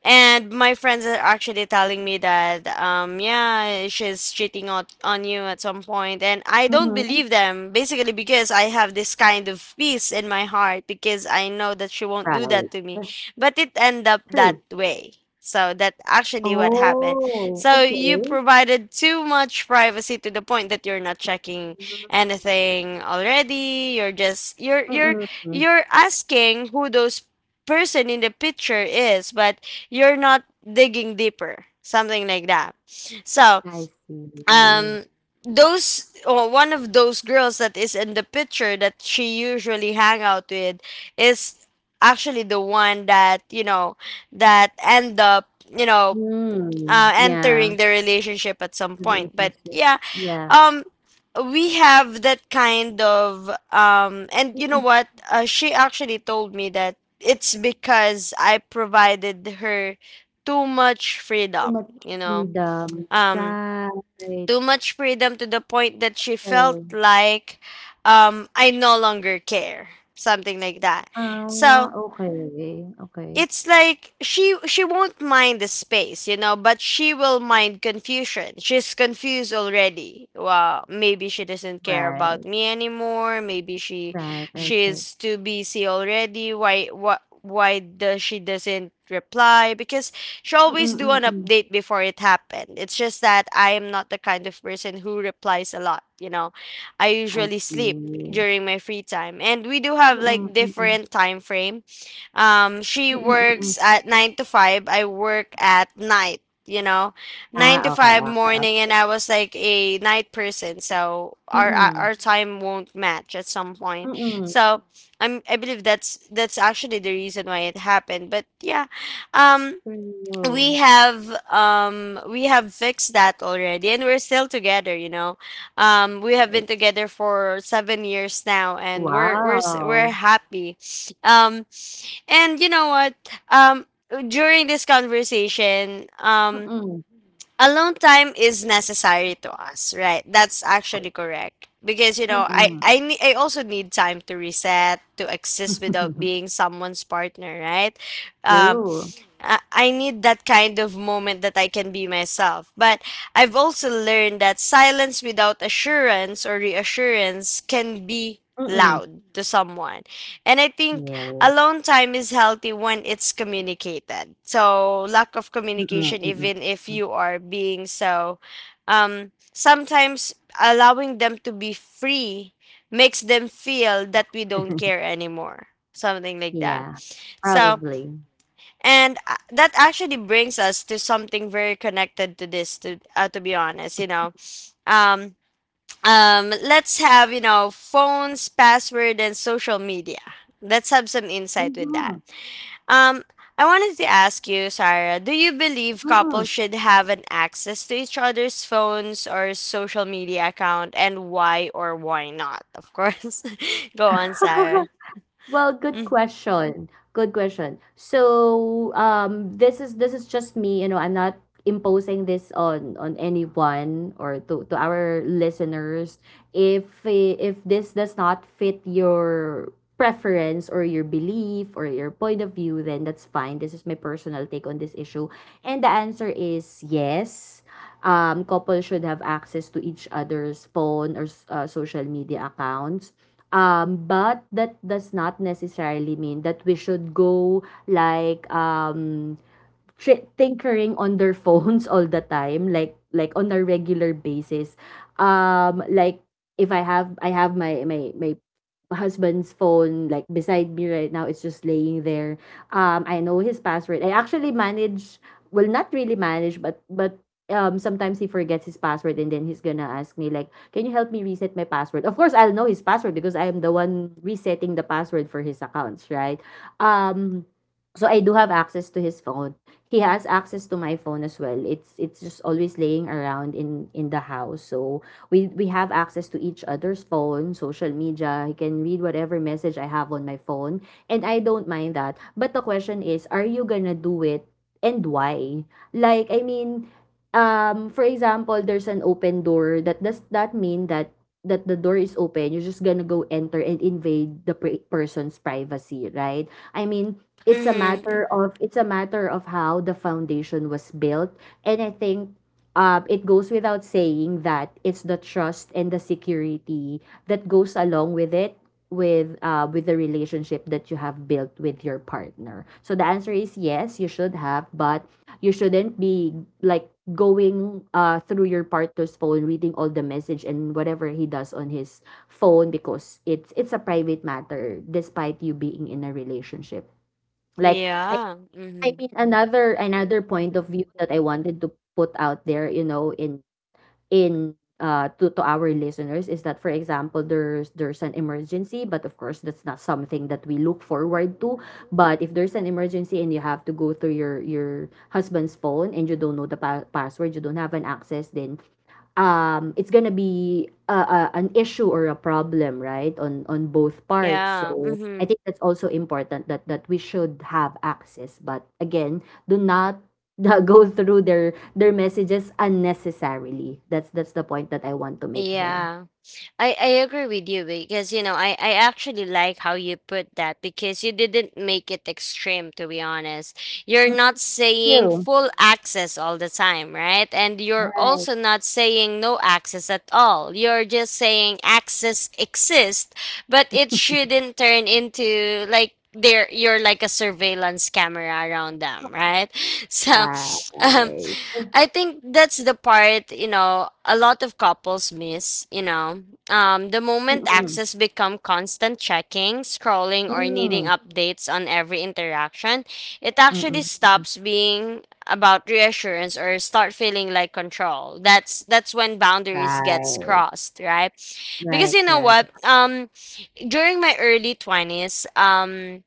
S1: and my friends are actually telling me that, yeah, she's cheating on you at some point. And I don't
S2: Mm-hmm.
S1: believe them, basically, because I have this kind of peace in my heart because I know that she won't
S2: Right.
S1: do that to
S2: That's
S1: me. But it ended up
S2: true.
S1: that way. So that actually what happened.
S2: Oh,
S1: So
S2: okay.
S1: you provided too much privacy to the point that you're not checking anything already. You're just
S2: Mm-mm.
S1: you're asking who those person in the picture is, but you're not digging deeper something like that. So
S2: I see.
S1: um those or one of those girls that is in the picture that she usually hang out with is actually the one that that end up you know
S2: Mm.
S1: uh,
S2: Yeah.
S1: entering the relationship at some
S2: Every
S1: point. But
S2: music.
S1: yeah,
S2: Yeah.
S1: um, we have that kind of and you
S2: Mm-mm,
S1: know what? She actually told me that it's because I provided her too much
S2: too much
S1: freedom. You know,
S2: freedom.
S1: um,
S2: Right.
S1: too much freedom to the point that she felt
S2: Ayun.
S1: like I no longer care, something like that.
S2: Ah,
S1: So
S2: okay, okay.
S1: it's like she won't mind the space, but she will mind confusion. She's confused already. Well, maybe she doesn't care about
S2: Right,
S1: me anymore. Maybe she
S2: right, right, right.
S1: she's too busy already. Why does she doesn't reply? Because she
S2: Mm,
S1: always do an
S2: mm, mm.
S1: update before it happened. It's just that I am not the kind of person who replies a lot. I
S2: I
S1: usually sleep
S2: see.
S1: during my free time, and we do have
S2: Mm,
S1: like
S2: mm, mm.
S1: different time frame. She
S2: Mm,
S1: works
S2: mm.
S1: at 9 to 5. I work at night. 9 to
S2: Ah, okay,
S1: 5
S2: okay,
S1: morning, and
S2: okay.
S1: I was like a night person, so our
S2: Mm,
S1: time won't match at some point.
S2: mm.
S1: So, I believe that's actually the reason why it happened. But yeah. Um we
S2: True.
S1: have um we have fixed that already, and we're still together. We have been together for 7 years now, and we're
S2: Wow.
S1: happy. um and you know what? um During this conversation,
S2: Mm.
S1: alone time is necessary to us, right? That's actually
S2: Good.
S1: correct because
S2: Mm.
S1: I also need time to reset, to exist without
S2: *laughs*
S1: being someone's partner, right? Um
S2: True.
S1: I need that kind of moment that I can be myself. But I've also learned that silence without assurance or reassurance can be
S2: Mm.
S1: loud to someone. And I think
S2: Yeah.
S1: alone time is healthy when it's communicated. So lack of
S2: Mm,
S1: communication,
S2: mm,
S1: even if you are being so sometimes allowing them to be free, makes them feel that we
S2: mm.
S1: don't care anymore.
S2: *laughs*
S1: Something like
S2: Yeah,
S1: that. So
S2: probably.
S1: and that actually brings us to something very connected to this to be honest. Um let's have phones, password and social media. Let's have some insight with
S2: Mhm,
S1: that. Um I wanted to ask you, Sarah, do you believe
S2: mm.
S1: couples should have an access to each other's phones or social media account and why or why not? Of course. *laughs* Go on,
S2: *laughs*
S1: Sarah.
S2: Well, good
S1: Mm-hmm.
S2: question. Good question. So, this is just me, you know, I'm not imposing this on anyone or to our listeners. If if this does not fit your preference or your belief or your point of view, then that's fine. This is my personal take on this issue. And the answer is yes. Um, couples should have access to each other's phone or, social media accounts. But that does not necessarily mean that we should go, like, tinkering on their phones all the time, like, on a regular basis. Like, if I have my my husband's phone, like, beside me right now, it's just laying there. I know his password. I actually manage, not really manage, but, sometimes he forgets his password, and then he's gonna ask me, like, can you help me reset my password? Of course, I'll know his password, because I am the one resetting the password for his accounts, right? um so I do have access to his phone. He has access to my phone as well. It's just always laying around in the house. So, we have access to each other's phone, social media. He can read whatever message I have on my phone, and I don't mind that. But the question is, are you gonna do it, and why? Like, I mean, for example, there's an open door. That Does that mean that, that the door is open, you're just gonna go enter and invade the person's privacy, right? I mean, it's a
S1: Mm-hmm.
S2: matter of, it's a matter of how the foundation was built, and I think, it goes without saying that it's the trust and the security that goes along with it, with, with the relationship that you have built with your partner. So the answer is yes, you should have, but you shouldn't be like going through your partner's phone reading all the message and whatever he does on his phone, because it's a private matter despite you being in a relationship. Like, I
S1: Yeah.
S2: I
S1: Mm-hmm.
S2: mean, another another point of view that I wanted to put out there, you know, in to our listeners, is that, for example, there's an emergency, but of course that's not something that we look forward to, but if there's an emergency and you have to go through your husband's phone, and you don't know the password, you don't have an access, then, it's gonna be a, an issue or a problem, right, on both parts.
S1: Yeah.
S2: So I
S1: Mm-hmm.
S2: think that's also important, that, that we should have access, but again, do not, go through their messages unnecessarily. That's the point that I want to make there.
S1: Yeah. I agree with you because you know, I actually like how you put that because you didn't make it extreme to be honest. You're not
S2: Mm,
S1: saying
S2: you.
S1: full access all the time, right? And you're
S2: Right,
S1: also not saying no access at all. You're just saying access exists, but it shouldn't turn into like there you're like a surveillance camera around them, right? *laughs* So, um
S2: right.
S1: I think that's the part, you know, a lot of couples miss, you know. The moment
S2: Mm-mm.
S1: access become constant checking, scrolling, or needing
S2: Mm.
S1: updates on every interaction, it actually
S2: Mm-mm. Mm-mm.
S1: stops being about reassurance or start feeling like control. That's when boundaries gets
S2: Right,
S1: crossed, right? Because
S2: right,
S1: you know
S2: right.
S1: what? During my early 20s,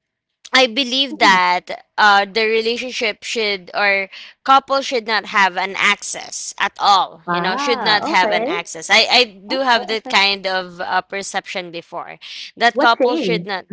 S1: I believe
S2: Mm-mm.
S1: that the relationship should or couple should not have an access at all. You know, should
S2: Ah,
S1: not have an
S2: okay.
S1: access. I do
S2: Okay,
S1: have that
S2: okay.
S1: kind of perception before that
S2: What
S1: couple should
S2: changed?
S1: not.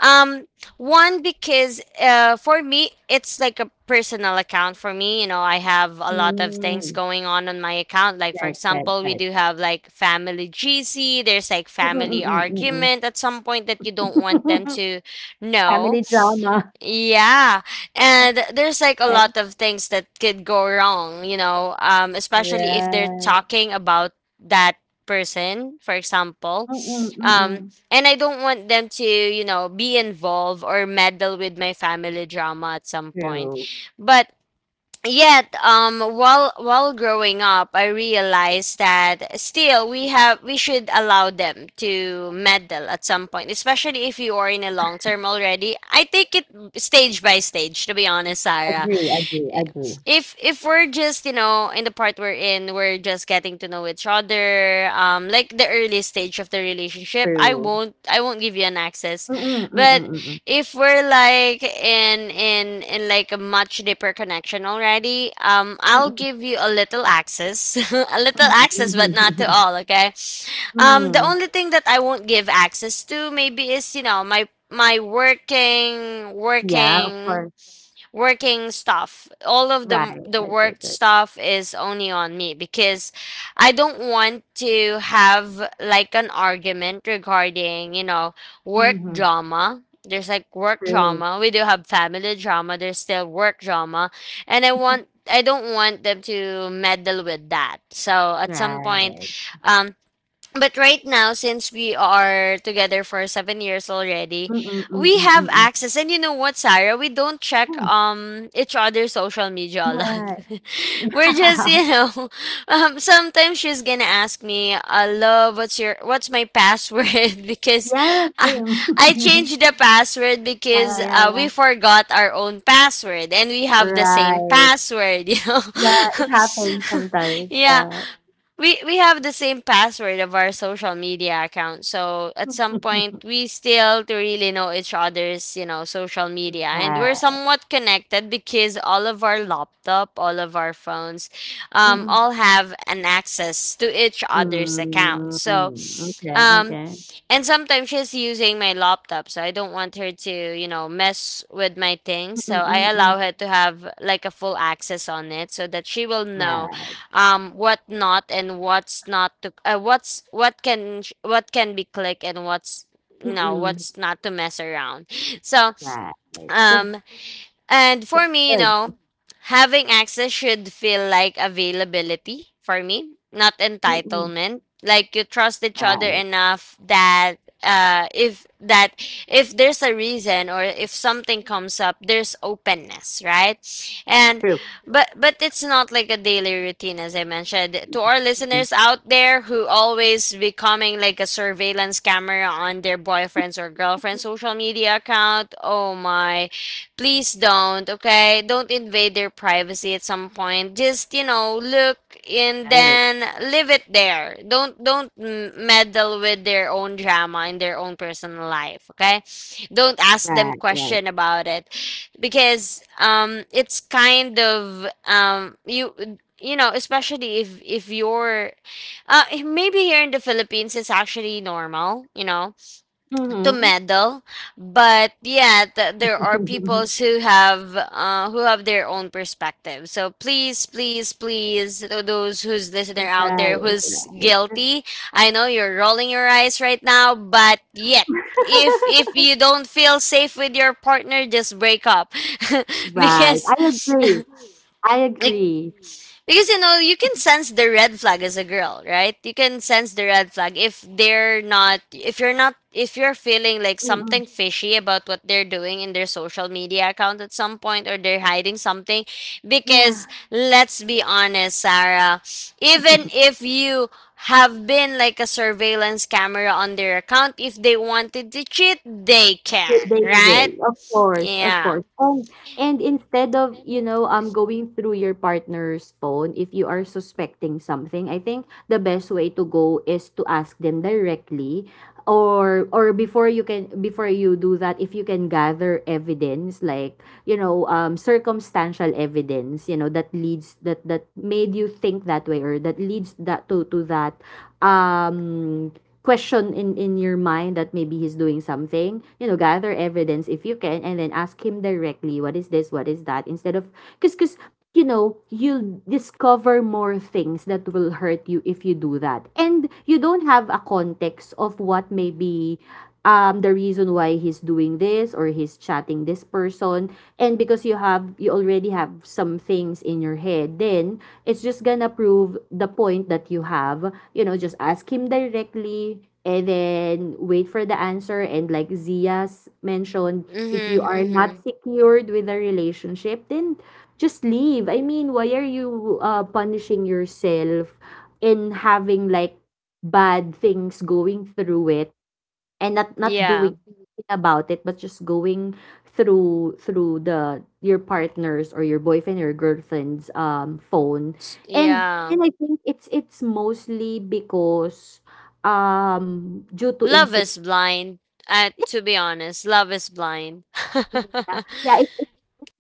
S1: Um, One because for me it's like a personal account for me. You know, I have a lot of things
S2: Mm.
S1: going on my account. Like for
S2: Right, right,
S1: example, we
S2: right.
S1: do have like family GC. There's like family
S2: Mm-mm, mm-mm, mm-mm.
S1: argument at some point that you don't want them to
S2: *laughs*
S1: know
S2: Family drama.
S1: yeah, and there's like a
S2: Right,
S1: lot of things that could go wrong, you know, especially if they're
S2: right.
S1: talking about that person, for example.
S2: Mm-mm,
S1: Um,
S2: mm-mm.
S1: and I don't want them to, you know, be involved or meddle with my family drama at some point.
S2: True.
S1: But yet while growing up I realized that still we have we should allow them to meddle at some point, especially if you are in a long term already. I take it stage by stage to be honest, Sarah.
S2: Agree, agree, agree.
S1: If we're just you know in the part we're in, we're just getting to know each other, like the early stage of the relationship, i
S2: True.
S1: won't i won't give you an access,
S2: Mm, mm,
S1: but
S2: mm,
S1: if we're like in like a much deeper connection already, I'll
S2: mm,
S1: give you a little access, *laughs* a little access, but not to
S2: mhm. *laughs*
S1: all, okay? The
S2: Mm.
S1: only thing that I won't give access to, maybe, is you know my my working
S2: Yeah, of
S1: working
S2: course.
S1: working stuff. All of
S2: Right,
S1: the
S2: right,
S1: work
S2: right, right.
S1: stuff is only on me because I don't want to have like an argument regarding, you know, work
S2: Mhm.
S1: drama. There's like work
S2: True.
S1: drama. We do have family drama. There's still work drama. And
S2: *laughs*
S1: I don't want them to meddle with that. So at some point,
S2: Right.
S1: um but right now, since we are together for 7 years already,
S2: Mm, mm, mm,
S1: we have
S2: mm, mm.
S1: access. And you know what, Sarah? We don't check each other's social media
S2: Mm,
S1: a lot.
S2: right.
S1: *laughs* We're just,
S2: *laughs*
S1: you know, *laughs* sometimes she's gonna ask me, "Love, what's your what's my password?" *laughs* because
S2: Yeah, yeah,
S1: I,
S2: same.
S1: I
S2: *laughs*
S1: changed the password
S2: Yeah,
S1: because
S2: yeah, yeah,
S1: we
S2: yeah.
S1: forgot our own password and we have the same
S2: Right.
S1: password. *laughs* You know,
S2: Yeah, it happens
S1: *laughs*
S2: sometimes.
S1: yeah,
S2: Yeah.
S1: we have the same password of our social media account. So at some
S2: *laughs*
S1: point we still to really know each other's, you know, social media, and we're
S2: Right.
S1: somewhat connected because all of our laptop, all of our phones
S2: Mm, mm.
S1: all have an access to each other's account.
S2: Mm,
S1: So
S2: okay,
S1: um
S2: okay.
S1: and sometimes she's using my laptop, so I don't want her to, you know, mess with my things. So
S2: Mm,
S1: I
S2: mm, mm.
S1: allow her to have like a full access on it so that she will know
S2: Right.
S1: what not and what's not to what's what can sh- what can be clicked and what's you know
S2: Mm,
S1: what's not to mess around so
S2: right.
S1: um and for
S2: That's
S1: me, you
S2: good.
S1: know, having access should feel like availability for me, not
S2: Mm-mm.
S1: entitlement. Like you trust each other
S2: Right.
S1: enough that uh if that if there's a reason or if something comes up, there's openness, right? And
S2: True.
S1: but it's not like a daily routine, as I mentioned, to our
S2: Mm.
S1: listeners out there who always becoming like a surveillance camera on their boyfriends or girlfriends social media account. Oh my, please don't, okay? Don't invade their privacy at some point. Just, you know, look and
S2: Right.
S1: then leave it there. Don't m- meddle with their own drama in their own personal life, okay? Don't ask them
S2: Right, right.
S1: question about it because it's kind of you you know, especially if you're maybe here in the Philippines, it's actually normal, you know, to
S2: Mhm.
S1: meddle, but yeah th- there are people
S2: *laughs*
S1: who have their own perspective, so please please please to those who's listener out
S2: Right,
S1: there who's
S2: right.
S1: guilty. I know you're rolling your eyes right now but yet
S2: *laughs*
S1: if you don't feel safe with your partner, just break up. *laughs*
S2: Right.
S1: Because
S2: I agree. I
S1: like
S2: agree.
S1: because you know, you can sense the red flag as a girl, right? You can sense the red flag if they're not if you're not if you're feeling like
S2: Mm-mm.
S1: something fishy about what they're doing in their social media account at some point, or they're hiding something,
S2: Yeah.
S1: because let's be honest, Sarah,
S2: *laughs*
S1: even if you have been like a surveillance camera on their account, if they wanted to cheat, they
S2: Th-
S1: can,
S2: They
S1: right?
S2: will, of course, of
S1: Yeah.
S2: course. And instead of, going through your partner's phone if you are suspecting something, I think the best way to go is to ask them directly, or before you do that, if you can gather evidence like, circumstantial evidence, you know, that leads that made you think that way, or that leads that to that, um question in your mind that maybe he's doing something, you know. Gather evidence if you can and then ask him directly, what is this, what is that, instead of, because you know, you'll discover more things that will hurt you if you do that and you don't have a context of what maybe, the reason why he's doing this or he's chatting this person, and because you already have some things in your head, then it's just gonna prove the point that you have, you know. Just ask him directly and then wait for the answer, and like Zia's mentioned, if you
S1: Mhm.
S2: are not
S1: Mhm.
S2: secured with a relationship, then just leave. I mean, why are you, punishing yourself in having like bad things going through it and not
S1: Yeah.
S2: doing anything about it, but just going through the your partner's or your boyfriend or girlfriend's phone?
S1: S-
S2: and
S1: Yeah.
S2: and I think it's mostly because, due to
S1: Love
S2: insecurity.
S1: is blind. To be honest, love is blind. *laughs*
S2: Yeah, yeah, it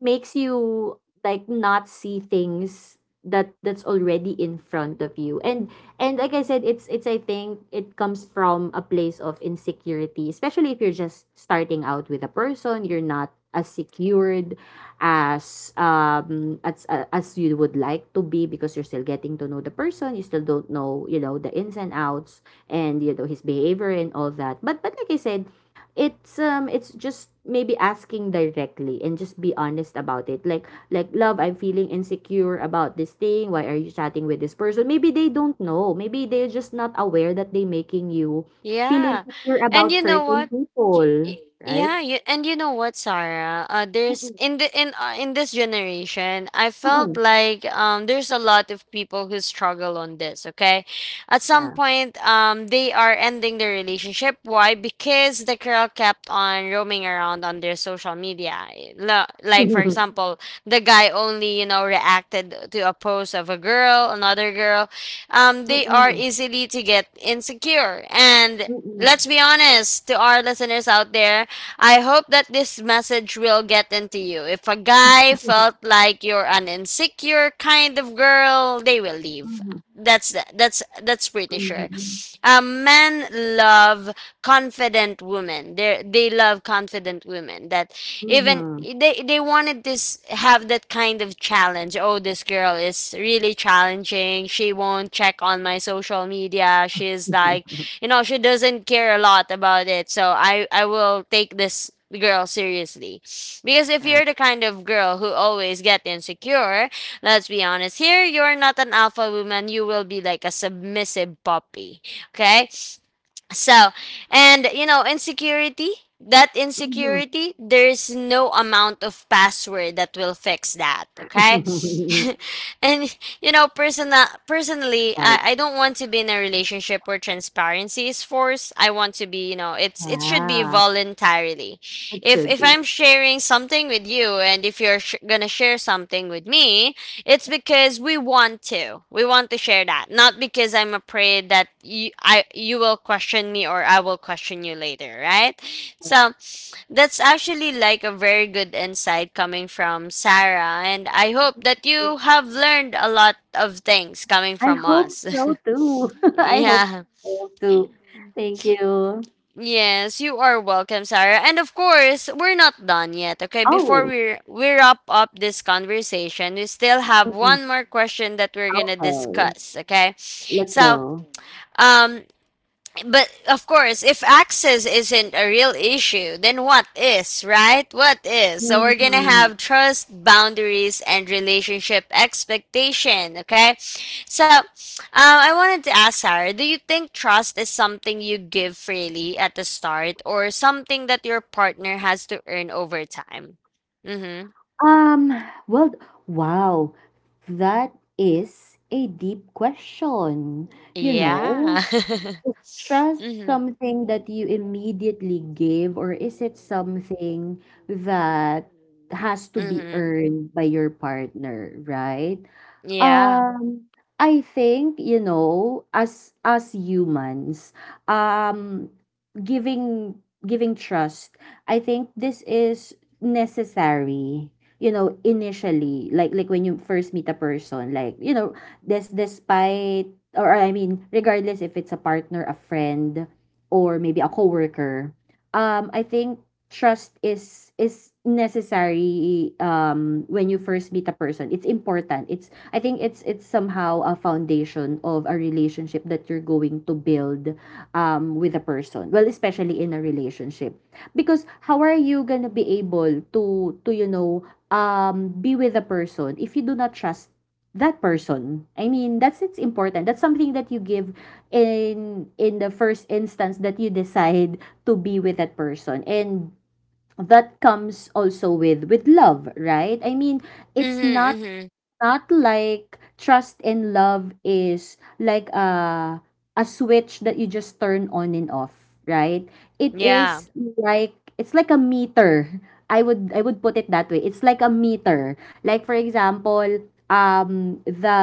S2: makes you like not see things that's already in front of you, and like I said, it's I think it comes from a place of insecurity, especially if you're just starting out with a person. You're not as secured as as you would like to be, because you're still getting to know the person. You still don't know, you know, the ins and outs, and you know his behavior and all that, but like I said, it's just maybe asking directly and just be honest about it, like, love, I'm feeling insecure about this thing. Why are you chatting with this person? Maybe they don't know, maybe they're just not aware that they making you feel
S1: Yeah.
S2: insecure
S1: And
S2: about
S1: you know
S2: certain
S1: what?
S2: people,
S1: Y-
S2: right?
S1: Yeah, you, and you know what, Sarah? There's
S2: Mm-mm,
S1: in the in this generation, I felt
S2: mm-mm,
S1: like there's a lot of people who struggle on this. Okay, at some
S2: yeah.
S1: point, they are ending their relationship. Why? Because the girl kept on roaming around on their social media. Lo- Like for
S2: *laughs*
S1: example, the guy only you know reacted to a post of a girl, another girl. They are
S2: Mm-mm,
S1: easily to get insecure, and
S2: mm-mm,
S1: let's be honest to our listeners out there. I hope that this message will get into you. If a guy felt like you're an insecure kind of girl, they will leave.
S2: mm-mm,
S1: That's that's pretty sure.
S2: mhm,
S1: Men love confident women. They love confident women. That
S2: mhm,
S1: even
S2: mhm.
S1: they wanted this have that kind of challenge. Oh, this girl is really challenging. She won't check on my social media. She's like you
S2: *laughs*
S1: know she doesn't care a lot about it, so I will take this girl seriously, because if
S2: Yeah,
S1: you're the kind of girl who always get insecure, let's be honest here, you're not an alpha woman, you will be like a submissive puppy, okay? So, and you know, that
S2: mhm.
S1: insecurity, there's no amount of password that will fix that, okay? *laughs*
S2: *laughs*
S1: And you know, personally,
S2: Right.
S1: I don't want to be in a relationship where transparency is forced. I want to be, you know, it's it should be
S2: Yeah,
S1: voluntarily.
S2: it should
S1: If
S2: be.
S1: I'm sharing something with you and if you're sh- going to share something with me, it's because we want to. We want to share that, not because I'm afraid that you will question me or I will question you later, right? So, that's actually like a very good insight coming from Sarah, and I hope that you have learned a lot of things coming
S2: I
S1: from
S2: hope
S1: us.
S2: so too.
S1: *laughs*
S2: *laughs* I hope
S1: Yeah.
S2: so too. Thank you.
S1: Yes, you are welcome, Sarah. And of course, we're not done yet. Okay, before
S2: Oh,
S1: we wrap up this conversation, we still have
S2: mm-mm.
S1: one more question that we're gonna
S2: Okay.
S1: discuss. Okay,
S2: Let's
S1: so
S2: go.
S1: um, but of course, if access isn't a real issue, then what is, right? What is? So we're gonna
S2: Mhm.
S1: have trust, boundaries, and relationship expectation, okay? So I wanted to ask Sarah, do you think trust is something you give freely at the start or something that your partner has to earn over time? Mm-hmm.
S2: Um, well, wow. That is a deep question. You know,
S1: Yeah. *laughs*
S2: trust,
S1: Mm-hmm.
S2: something that you immediately give, or is it something that has to be
S1: Mm-hmm.
S2: earned by your partner, right?
S1: Yeah.
S2: Um, I think, you know, as humans, um, giving giving trust, I think this is necessary. You know, initially, like, when you first meet a person, like, you know, this despite, or I mean, regardless if it's a partner, a friend, or maybe a coworker, I think trust is necessary, when you first meet a person. It's important. It's, I think, it's somehow a foundation of a relationship that you're going to build, with a person. Well, especially in a relationship. Because how are you going to be able to be with a person if you do not trust that person? I mean, that's it's important. That's something that you give in the first instance that you decide to be with that person. And that comes also with love, right? I mean, it's
S1: Mm-hmm. Mm-hmm.
S2: not like trust and love is like a switch that you just turn on and off, right? It
S1: Yeah.
S2: is it's like a meter. I would put it that way. It's like a meter. Like, for example, um the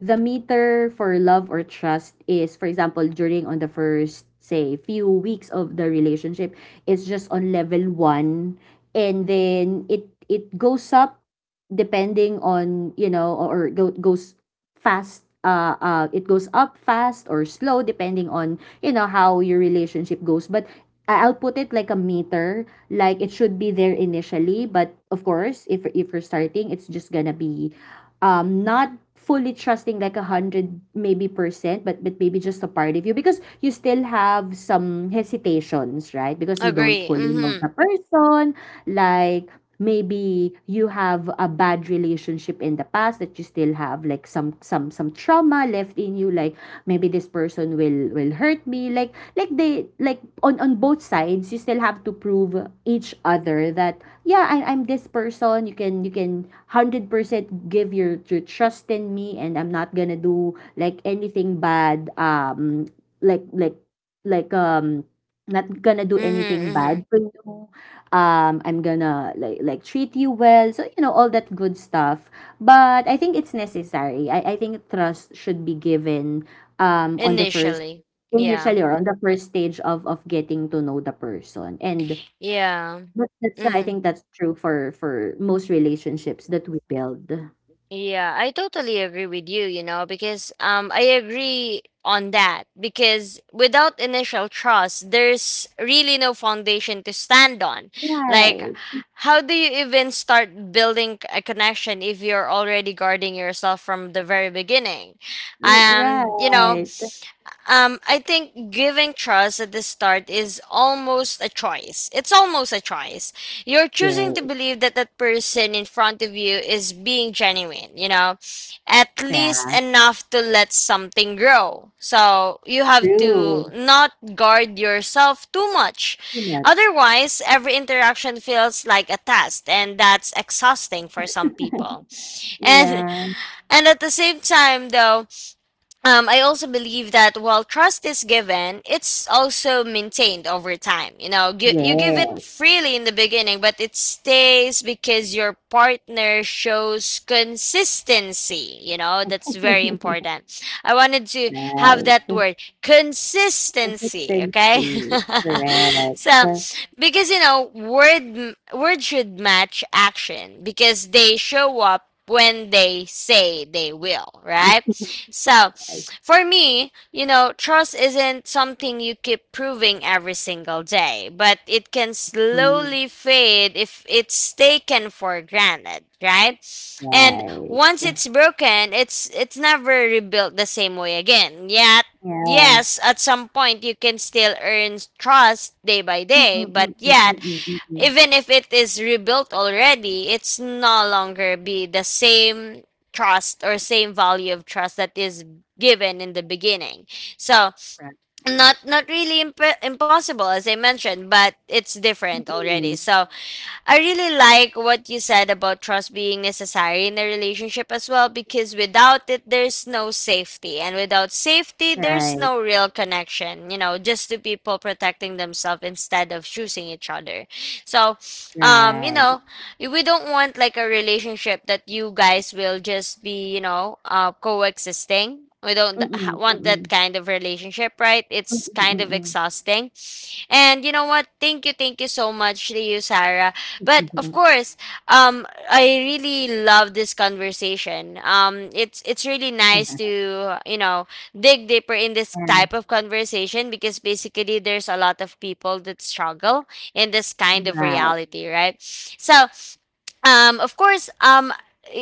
S2: the meter for love or trust is, for example, during on the first, say, few weeks of the relationship, it's just on level 1, and then it goes up, depending on, you know, or go, goes fast it goes up fast or slow, depending on, you know, how your relationship goes. But I'll put it like a meter. Like, it should be there initially, but of course if you're starting, it's just gonna be, not fully trusting like a hundred maybe percent, but maybe just a part of you, because you still have some hesitations, right? Because you don't
S1: Agree.
S2: fully know the
S1: Mm-hmm.
S2: person. Like, maybe you have a bad relationship in the past that you still have, like, some trauma left in you. Like, maybe this person will, hurt me, like, they, like, on both sides. You still have to prove each other that, yeah, I'm this person you can, 100% give your trust in me, and I'm not gonna do like anything bad, like, like um not gonna do anything
S1: Mm-hmm.
S2: bad
S1: Mm-hmm.
S2: for you, I'm gonna like, treat you well, so you know, all that good stuff. But I think it's necessary. I think trust should be given, on the first
S1: Initially. Yeah.
S2: initially, or on the first stage of getting to know the person, and
S1: Yeah.
S2: that's, I
S1: Hmm.
S2: think, that's true for most relationships that we build.
S1: Yeah, I totally agree with you, you know, because I agree on that because without initial trust, there's really no foundation to stand on. Like,
S2: Right,
S1: how do you even start building a connection if you're already guarding yourself from the very beginning?
S2: right.
S1: Um, you know, I think giving trust at the start is almost a choice. It's almost a choice. You're
S2: Yeah,
S1: choosing to believe that that person in front of you is being genuine, you know, at
S2: yeah.
S1: least enough to let something grow. So you have
S2: True.
S1: to not guard yourself too much.
S2: Too much.
S1: Otherwise, every interaction feels like a test, and that's exhausting for some people. And
S2: Yeah,
S1: and at the same time, though, I also believe that while trust is given, it's also maintained over time. You know, gi- you give it
S2: yeah.
S1: freely in the beginning, but it stays because your partner shows consistency. You know, that's very
S2: *laughs*
S1: important. I wanted to have
S2: Right.
S1: that word
S2: *laughs*
S1: consistency, okay?
S2: Consistency,
S1: *laughs*
S2: correct,
S1: So,
S2: correct.
S1: because you know, word should match action because they show up when they say they will, right? So, for me, you know, trust isn't something you keep proving every single day, but it can
S2: Mm,
S1: slowly fade if it's taken for granted, right? And
S2: right.
S1: once
S2: *laughs*
S1: it's broken, it's never rebuilt the same way again. Yet,
S2: Yeah.
S1: yes, at some point you can still earn trust day by day,
S2: Mm-mm,
S1: but
S2: mm-mm,
S1: yet
S2: mm-mm, mm.
S1: even if it is rebuilt already, it's no longer be the same trust or same value of trust that is given in the beginning. So
S2: Right. Mm-mm.
S1: not really impossible as I mentioned, but it's different already. So I really like what you said about trust being necessary in a relationship as well because without it there's no safety and without safety there's
S2: Right,
S1: no real connection, you know, just two people protecting themselves instead of choosing each other. So, you
S2: right.
S1: know, we don't want like a relationship that you guys will just be, you know, coexisting. We don't want that
S2: Mm-mm.
S1: kind of relationship, right? It's
S2: Mm-mm,
S1: kind of
S2: mm-mm,
S1: exhausting. And you know what? Thank you so much to you, Sarah. But of
S2: mm-mm.
S1: course, I really love this conversation. It's really nice to dig deeper in this type of conversation because basically there's a lot of people that struggle in this
S2: *laughs*
S1: kind
S2: Yeah,
S1: of
S2: right. *laughs*
S1: reality, right? So of course,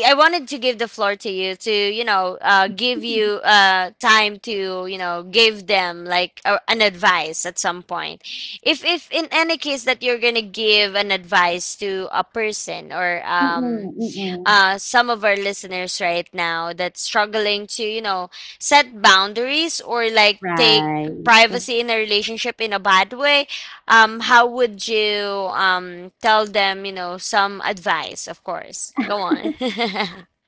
S1: I wanted to give the floor to, you know, give you time to, you know, give them like an advice at some point. If in any case that you're gonna give an advice to a person or
S2: Mm-mm, mm-mm.
S1: some of our listeners right now that's struggling to, you know, set boundaries or like take
S2: Right.
S1: privacy in a relationship in a bad way, how would you tell them, you know, some advice, of course? Go on.
S2: *laughs*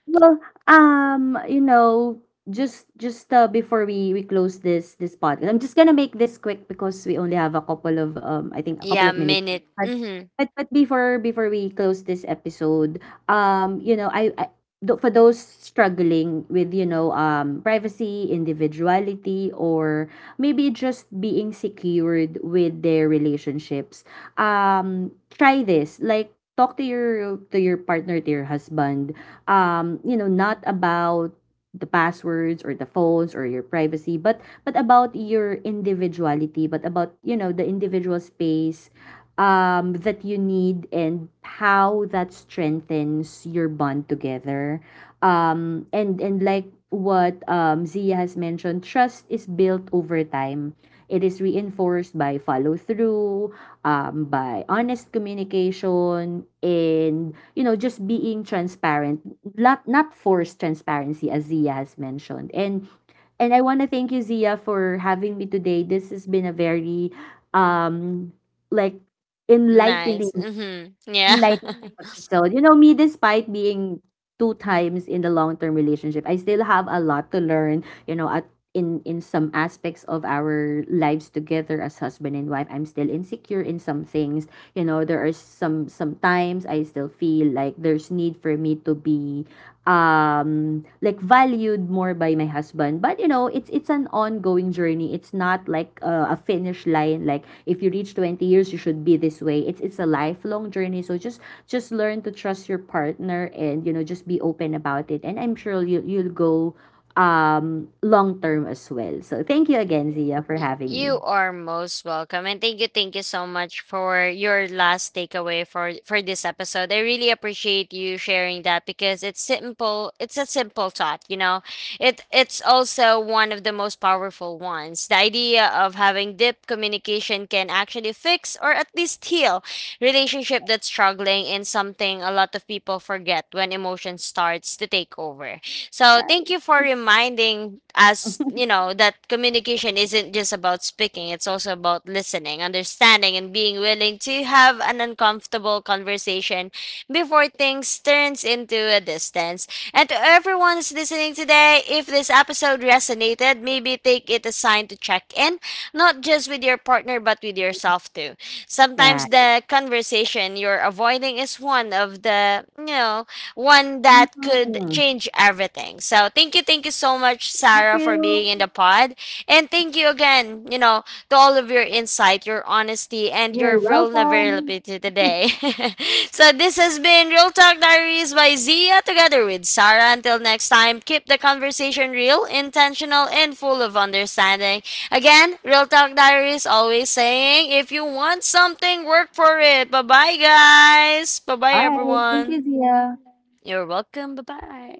S2: Well, um, you know, just before we close this podcast, I'm just gonna make this quick because we only have a couple of I think
S1: *laughs*
S2: a couple
S1: yeah,
S2: of minutes.
S1: minute.
S2: But
S1: Mm-hmm.
S2: but before we close this episode, um, you know, I, I for those struggling with, privacy, individuality, or maybe just being secured with their relationships, try this, like. Talk to your, partner, to your husband, you know, not about the passwords or the phones or your privacy, but about your individuality, but about, you know, the individual space, that you need, and how that strengthens your bond together. And like what, Zia has mentioned, trust is built over time. It is reinforced by follow through, by honest communication, and you know, just being transparent, not forced transparency, as Zia has mentioned, and I want to thank you, Zia, for having me today. This has been a very, um, like enlightening,
S1: Nice. Mm-hmm. Yeah.
S2: enlightening
S1: *laughs*
S2: episode. You know, me, despite being two times in the long term relationship, I still have a lot to learn. You know, at in some aspects of our lives together as husband and wife, I'm still insecure in some things. You know, there are some times I still feel like there's need for me to be, valued more by my husband, but it's an ongoing journey. It's not like, a finish line. Like, if you reach 20 years, you should be this way. It's a lifelong journey, so just learn to trust your partner, and just be open about it, and I'm sure you'll go, long term as well. So thank you again, Zia, for
S1: Y-
S2: having me.
S1: You are most welcome, and thank you so much for your last takeaway for this episode. I really appreciate you sharing that because it's simple. It's a simple thought, you know. It's also one of the most powerful ones. The idea of having deep communication can actually fix or at least heal relationship that's struggling in something a lot of people forget when emotion starts to take over. So thank
S2: Right,
S1: you for reminding us, you know, that communication isn't just about speaking, it's also about listening, understanding, and being willing to have an uncomfortable conversation before things turns into a distance. And to everyone who's listening today, if this episode resonated, maybe take it as a sign to check in, not just with your partner but with yourself too. Sometimes
S2: right.
S1: the conversation you're avoiding is one of the, one that could
S2: Mhm.
S1: change everything. So thank you so much,
S2: Thank
S1: Sarah, for being
S2: you.
S1: in the pod. And thank you again, you know, to all of your insight, your honesty, and your
S2: You're welcome.
S1: vulnerability
S2: *laughs* All
S1: today. *laughs* so this has been Real Talk Diaries by Zia together with Sarah. Until next time, keep the conversation real, intentional, and full of understanding. Again, Real Talk Diaries always saying if you want something, work for it. Bye bye, guys. Bye bye,
S2: right. Thank you,
S1: everyone.
S2: Zia.
S1: You're welcome. Bye bye.